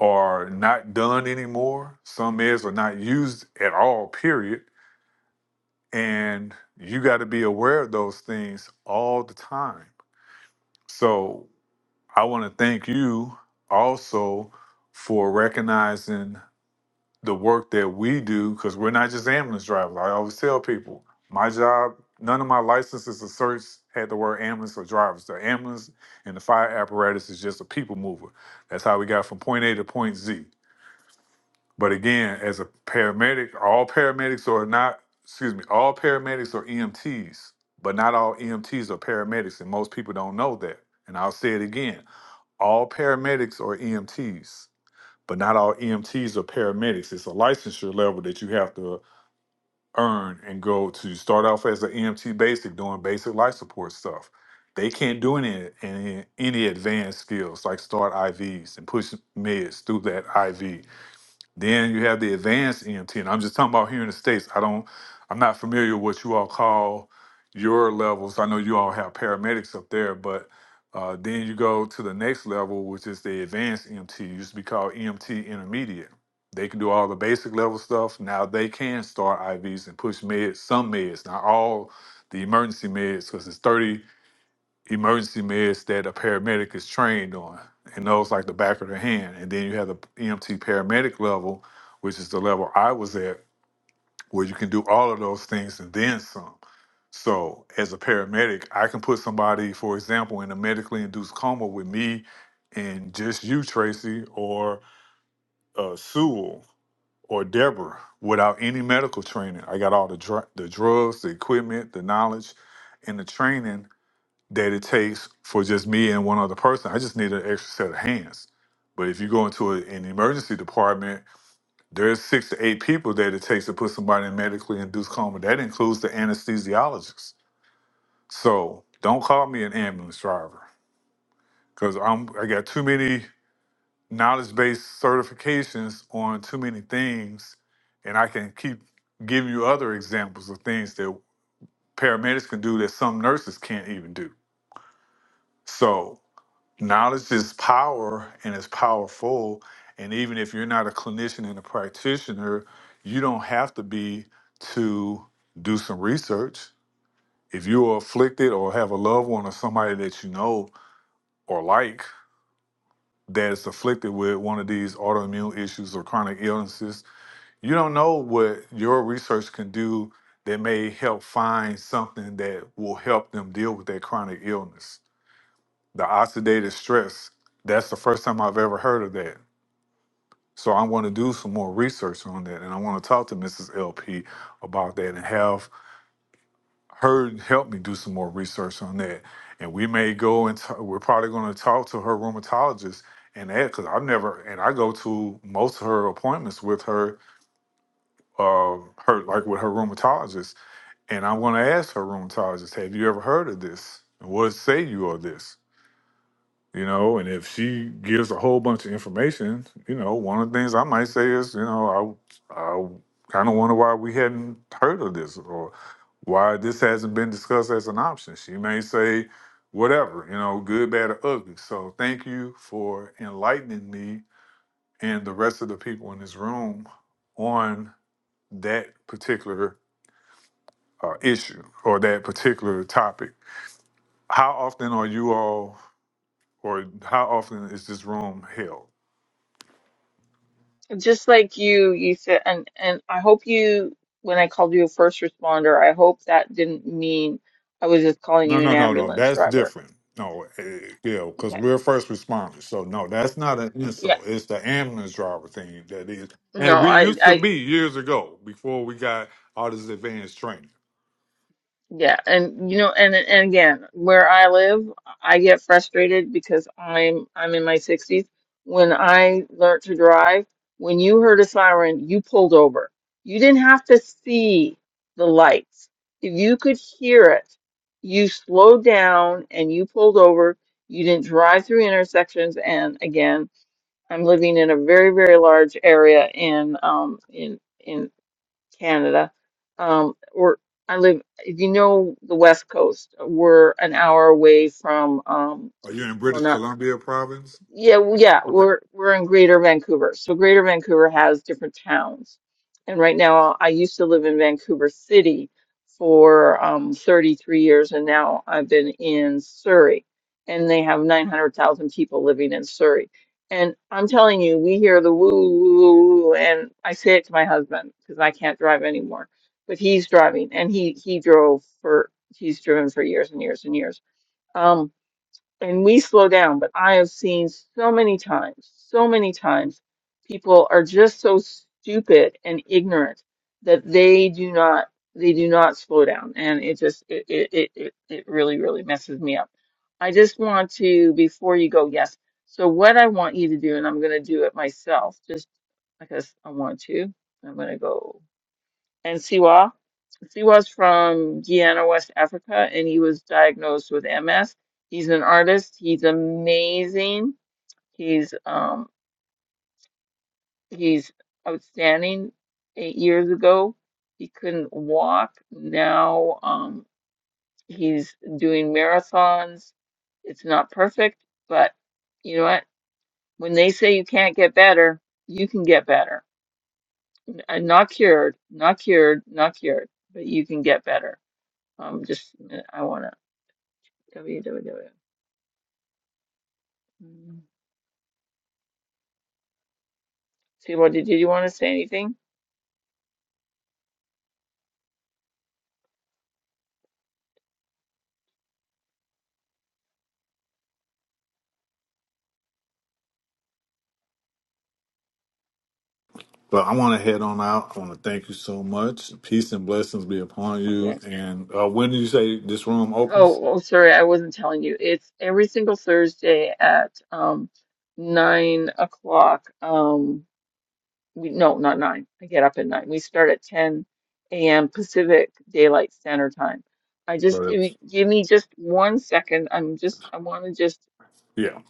Speaker 5: are not done anymore. Some meds are not used at all, period. And you got to be aware of those things all the time. So I want to thank you also for recognizing the work that we do because we're not just ambulance drivers. I always tell people my job, none of my licenses or certs had the word ambulance or drivers. The ambulance and the fire apparatus is just a people mover. That's how we got from point A to point Z. But again, as a paramedic, all paramedics are not, excuse me, all paramedics are EMTs, but not all EMTs are paramedics. And most people don't know that. And I'll say it again all paramedics are EMTs but not all EMTs are paramedics. It's a licensure level that you have to earn and go to start off as an EMT basic, doing basic life support stuff. They can't do any any, any advanced skills like start IVs and push meds through that IV. Then you have the advanced EMT, and I'm just talking about here in the states. I don't, I'm not familiar with what you all call your levels. I know you all have paramedics up there, but uh, then you go to the next level, which is the advanced EMT. It used to be called EMT intermediate. They can do all the basic level stuff. Now they can start IVs and push meds, some meds, not all the emergency meds, because it's 30 emergency meds that a paramedic is trained on, and those like the back of the hand. And then you have the EMT paramedic level, which is the level I was at, where you can do all of those things and then some. So, as a paramedic, I can put somebody, for example, in a medically induced coma with me and just you, Tracy, or uh, Sewell or Deborah without any medical training. I got all the, dr- the drugs, the equipment, the knowledge, and the training that it takes for just me and one other person. I just need an extra set of hands. But if you go into a, an emergency department, there's six to eight people that it takes to put somebody in medically induced coma. That includes the anesthesiologist. So don't call me an ambulance driver because I'm I got too many knowledge based certifications on too many things, and I can keep giving you other examples of things that paramedics can do that some nurses can't even do. So knowledge is power and it's powerful and even if you're not a clinician and a practitioner you don't have to be to do some research if you are afflicted or have a loved one or somebody that you know or like that is afflicted with one of these autoimmune issues or chronic illnesses you don't know what your research can do that may help find something that will help them deal with that chronic illness the oxidative stress that's the first time i've ever heard of that So I want to do some more research on that, and I want to talk to Mrs. LP about that and have her help me do some more research on that. And we may go and t- we're probably going to talk to her rheumatologist and that because I've never and I go to most of her appointments with her, uh, her like with her rheumatologist, and I want to ask her rheumatologist, "Have you ever heard of this? And what say you of this?" you know and if she gives a whole bunch of information you know one of the things i might say is you know i i kind of wonder why we hadn't heard of this or why this hasn't been discussed as an option she may say whatever you know good bad or ugly so thank you for enlightening me and the rest of the people in this room on that particular uh, issue or that particular topic how often are you all or how often is this room held
Speaker 1: Just like you, you said, and and I hope you, when I called you a first responder, I hope that didn't mean I was just calling
Speaker 5: No,
Speaker 1: you an
Speaker 5: no, no, no.
Speaker 1: ambulance
Speaker 5: That's
Speaker 1: driver.
Speaker 5: different. No, eh, yeah, because
Speaker 1: Okay.
Speaker 5: we're first responders. So no, that's not an
Speaker 1: Yeah.
Speaker 5: insult. It's the ambulance driver thing that is.
Speaker 1: No,
Speaker 5: And we
Speaker 1: I,
Speaker 5: used to
Speaker 1: I
Speaker 5: be years ago before we got all this advanced training.
Speaker 1: Yeah, and you know, and and again, where I live, I get frustrated because I'm I'm in my 60s. When I learned to drive, when you heard a siren, you pulled over. You didn't have to see the lights. If you could hear it, you slowed down and you pulled over. You didn't drive through intersections. And again, I'm living in a very, very large area in um in in Canada, um, or I live, if you know the West Coast, we're an hour away from, um,
Speaker 5: Are you
Speaker 1: it's,
Speaker 5: in
Speaker 1: well,
Speaker 5: British
Speaker 1: not
Speaker 5: Columbia province?
Speaker 1: yeah, w- yeah,
Speaker 5: Okay.
Speaker 1: we're we're in Greater Vancouver. So Greater Vancouver has different towns. And right now I used to live in Vancouver City for um 33 years and now I've been in Surrey and they have 900,000 people living in Surrey. And I'm telling you, we hear the woo woo woo woo, and I say it to my husband because I can't drive anymore, but he's driving and he he drove for he's driven for years and years and years. Um, and we slow down, but I have seen so many times, so many times, people are just so stupid and ignorant that they do not they do not slow down, and it just it it it it, it really really messes me up. I just want to before you go, yes. So what I want you to do, and I'm going to do it myself, just because I want to. I'm going to go and Siwa. Siwa's from Guyana, West Africa, and he was diagnosed with MS. He's an artist. He's amazing. He's um he's outstanding. Eight years ago, he couldn't walk. Now um he's doing marathons. It's not perfect, but you know what? When they say you can't get better, you can get better. N- uh, Not cured, not cured, not cured, but you can get better. Um, just uh, I wanna www. Mm. Seymour, did did you want to say anything?
Speaker 5: But I want to head on out. I want to thank you so much. Peace and blessings be upon you.
Speaker 1: Okay.
Speaker 5: And uh, when do you say this room
Speaker 1: Oh,
Speaker 5: opens?
Speaker 1: oh, sorry, I wasn't telling you. It's every single Thursday at um nine o'clock. Um, we no, not nine. I get up at nine. We start at ten a.m. Pacific Daylight Standard Time. I
Speaker 5: So
Speaker 1: just if
Speaker 5: that's-
Speaker 1: you give me just one second. I'm just I want to just
Speaker 5: Yeah.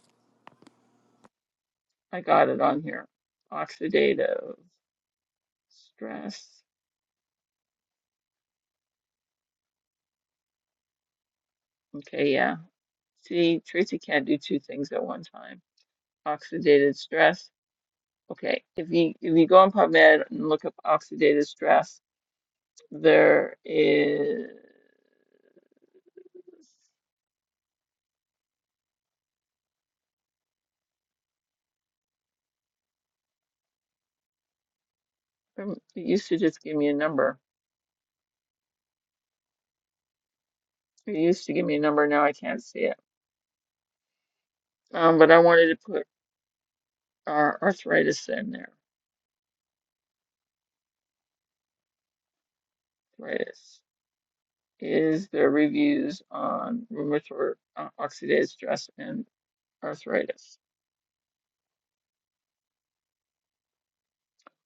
Speaker 1: I got it on here. Oxidative stress. Okay, yeah. See, Tracy can't do two things at one time. Oxidative stress. Okay, if you if you go on PubMed and look up oxidative stress, there is. um, It used to just give me a number. It used to give me a number. Now I can't see it. Um, but I wanted to put our arthritis in there. Arthritis. Is there reviews on rheumatoid uh, oxidative stress and arthritis?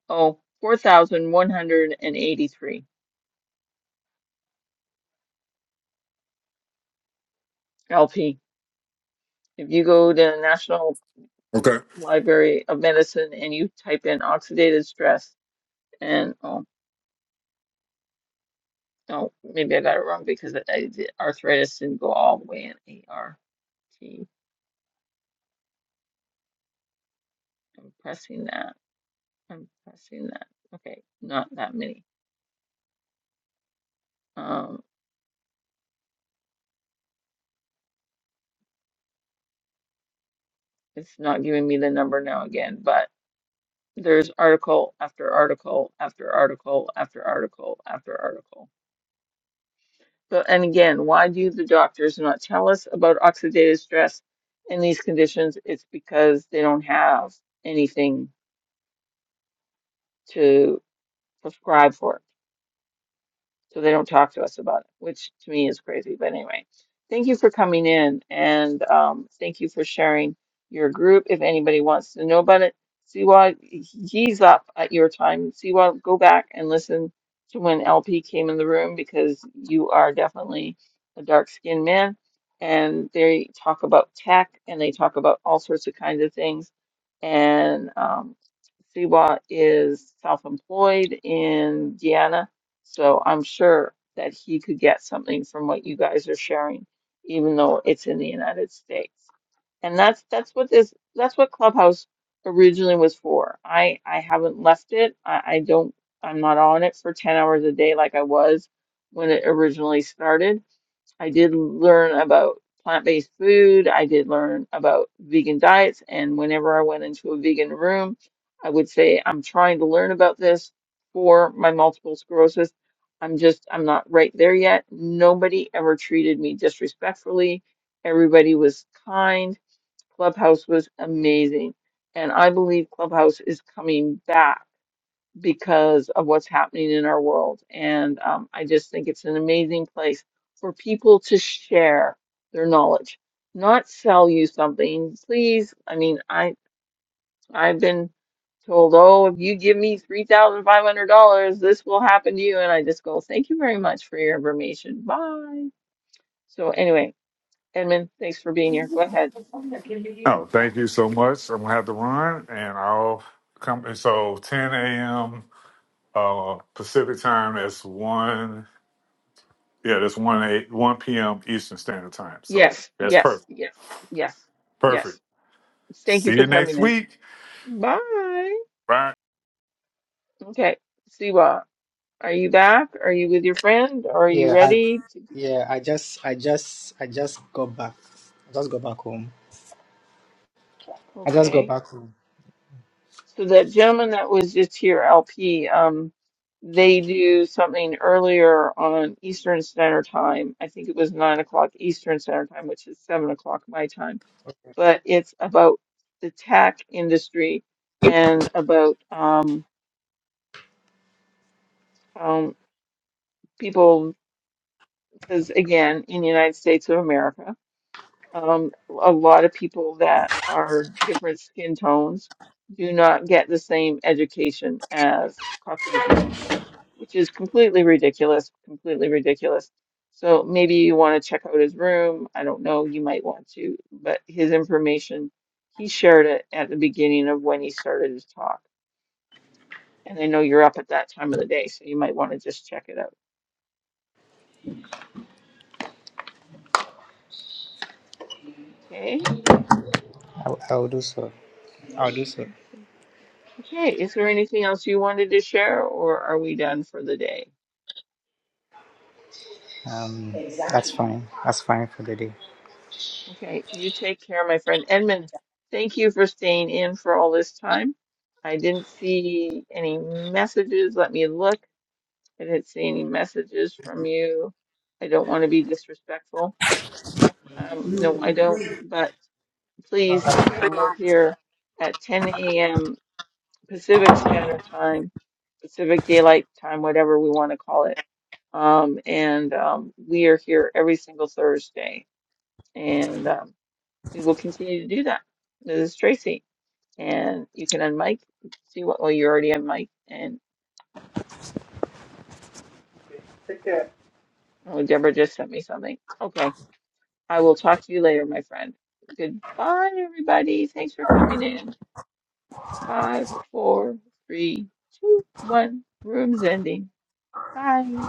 Speaker 1: Oh, 4,183 LP if you go to the National
Speaker 5: Okay.
Speaker 1: Library of Medicine and you type in oxidative stress and oh no, maybe I got it wrong because I, I did arthritis didn't go all the way in A R am pressing that. I'm pressing that. Okay, not that many. Um, it's not giving me the number now again, but there's article after article after article after article after article. So, and again, why do the doctors not tell us about oxidative stress in these conditions? It's because they don't have anything to prescribe for. So they don't talk to us about it, which to me is crazy. But anyway, thank you for coming in and um, thank you for sharing your group. If anybody wants to know about it, Siwa, he's up at your time. Siwa, go back and listen to when LP came in the room because you are definitely a dark-skinned man. And they talk about tech and they talk about all sorts of kinds of things. And um, Siwa is self-employed in Guyana so I'm sure that he could get something from what you guys are sharing, even though it's in the United States. And that's that's what this that's what Clubhouse originally was for. I I haven't left it. I, I don't I'm not on it for 10 hours a day like I was when it originally started. I did learn about plant-based food. I did learn about vegan diets. And whenever I went into a vegan room, I would say, I'm trying to learn about this for my multiple sclerosis. I'm just, I'm not right there yet. Nobody ever treated me disrespectfully. Everybody was kind. Clubhouse was amazing. And I believe Clubhouse is coming back because of what's happening in our world. And um, I just think it's an amazing place for people to share their knowledge, not sell you something. Please, I mean, I I've been told, oh, if you give me three thousand five hundred dollars, this will happen to you. And I just go, thank you very much for your information. Bye. So anyway, Edmund, thanks for being here. Go ahead.
Speaker 5: No, thank you so much. I'm gonna have to run, and I'll come. And so 10 a.m. uh, Pacific time. That's one. Yeah, that's one eight one p.m. Eastern Standard Time. So
Speaker 1: Yes,
Speaker 5: that's
Speaker 1: yes,
Speaker 5: perfect.
Speaker 1: yes, yes,
Speaker 5: Perfect.
Speaker 1: yes. Thank you
Speaker 5: See
Speaker 1: for
Speaker 5: you
Speaker 1: coming
Speaker 5: next
Speaker 1: in.
Speaker 5: week.
Speaker 1: Bye.
Speaker 5: Bye.
Speaker 1: Okay. See you. all. Are you back? Are you with your friend? Are you
Speaker 3: Yeah, I
Speaker 1: ready to do-
Speaker 3: yeah, I just I just I just got back. I just got back home. I just got
Speaker 1: Okay.
Speaker 3: back home.
Speaker 1: So that gentleman that was just here, LP, um, they do something earlier on Eastern Standard Time. I think it was nine o'clock Eastern Standard Time, which is seven o'clock my time. But it's about the tech industry and about um, um, people, because again, in the United States of America. Um, a lot of people that are different skin tones do not get the same education as Caucasian people, which is completely ridiculous, completely ridiculous. So maybe you want to check out his room. I don't know, you might want to, but his information, he shared it at the beginning of when he started his talk. And I know you're up at that time of the day, so you might want to just check it out. Okay?
Speaker 3: I'll, I'll do so. I'll do so.
Speaker 1: Okay. Is there anything else you wanted to share, or are we done for the day?
Speaker 3: Um, that's fine. That's fine for the
Speaker 1: Okay, you take care, my friend. Edmund, thank you for staying in for all this time. I didn't see any messages. Let me look. I didn't see any messages from you. I don't want to be disrespectful. Um, no, I don't. But please, um, we're here at 10 a.m. Pacific Standard Time, Pacific Daylight Time, whatever we want to call it. Um, and um, we are here every single Thursday. And um, we will continue to do that. This is Tracy, and you can unmic. See what? Well, you already unmic, and
Speaker 3: day.
Speaker 1: oh, Deborah just sent me something. Okay, I will talk to you later, my friend. Goodbye, everybody. Thanks for coming in. Five, four, three, two, one. Room's ending. Bye.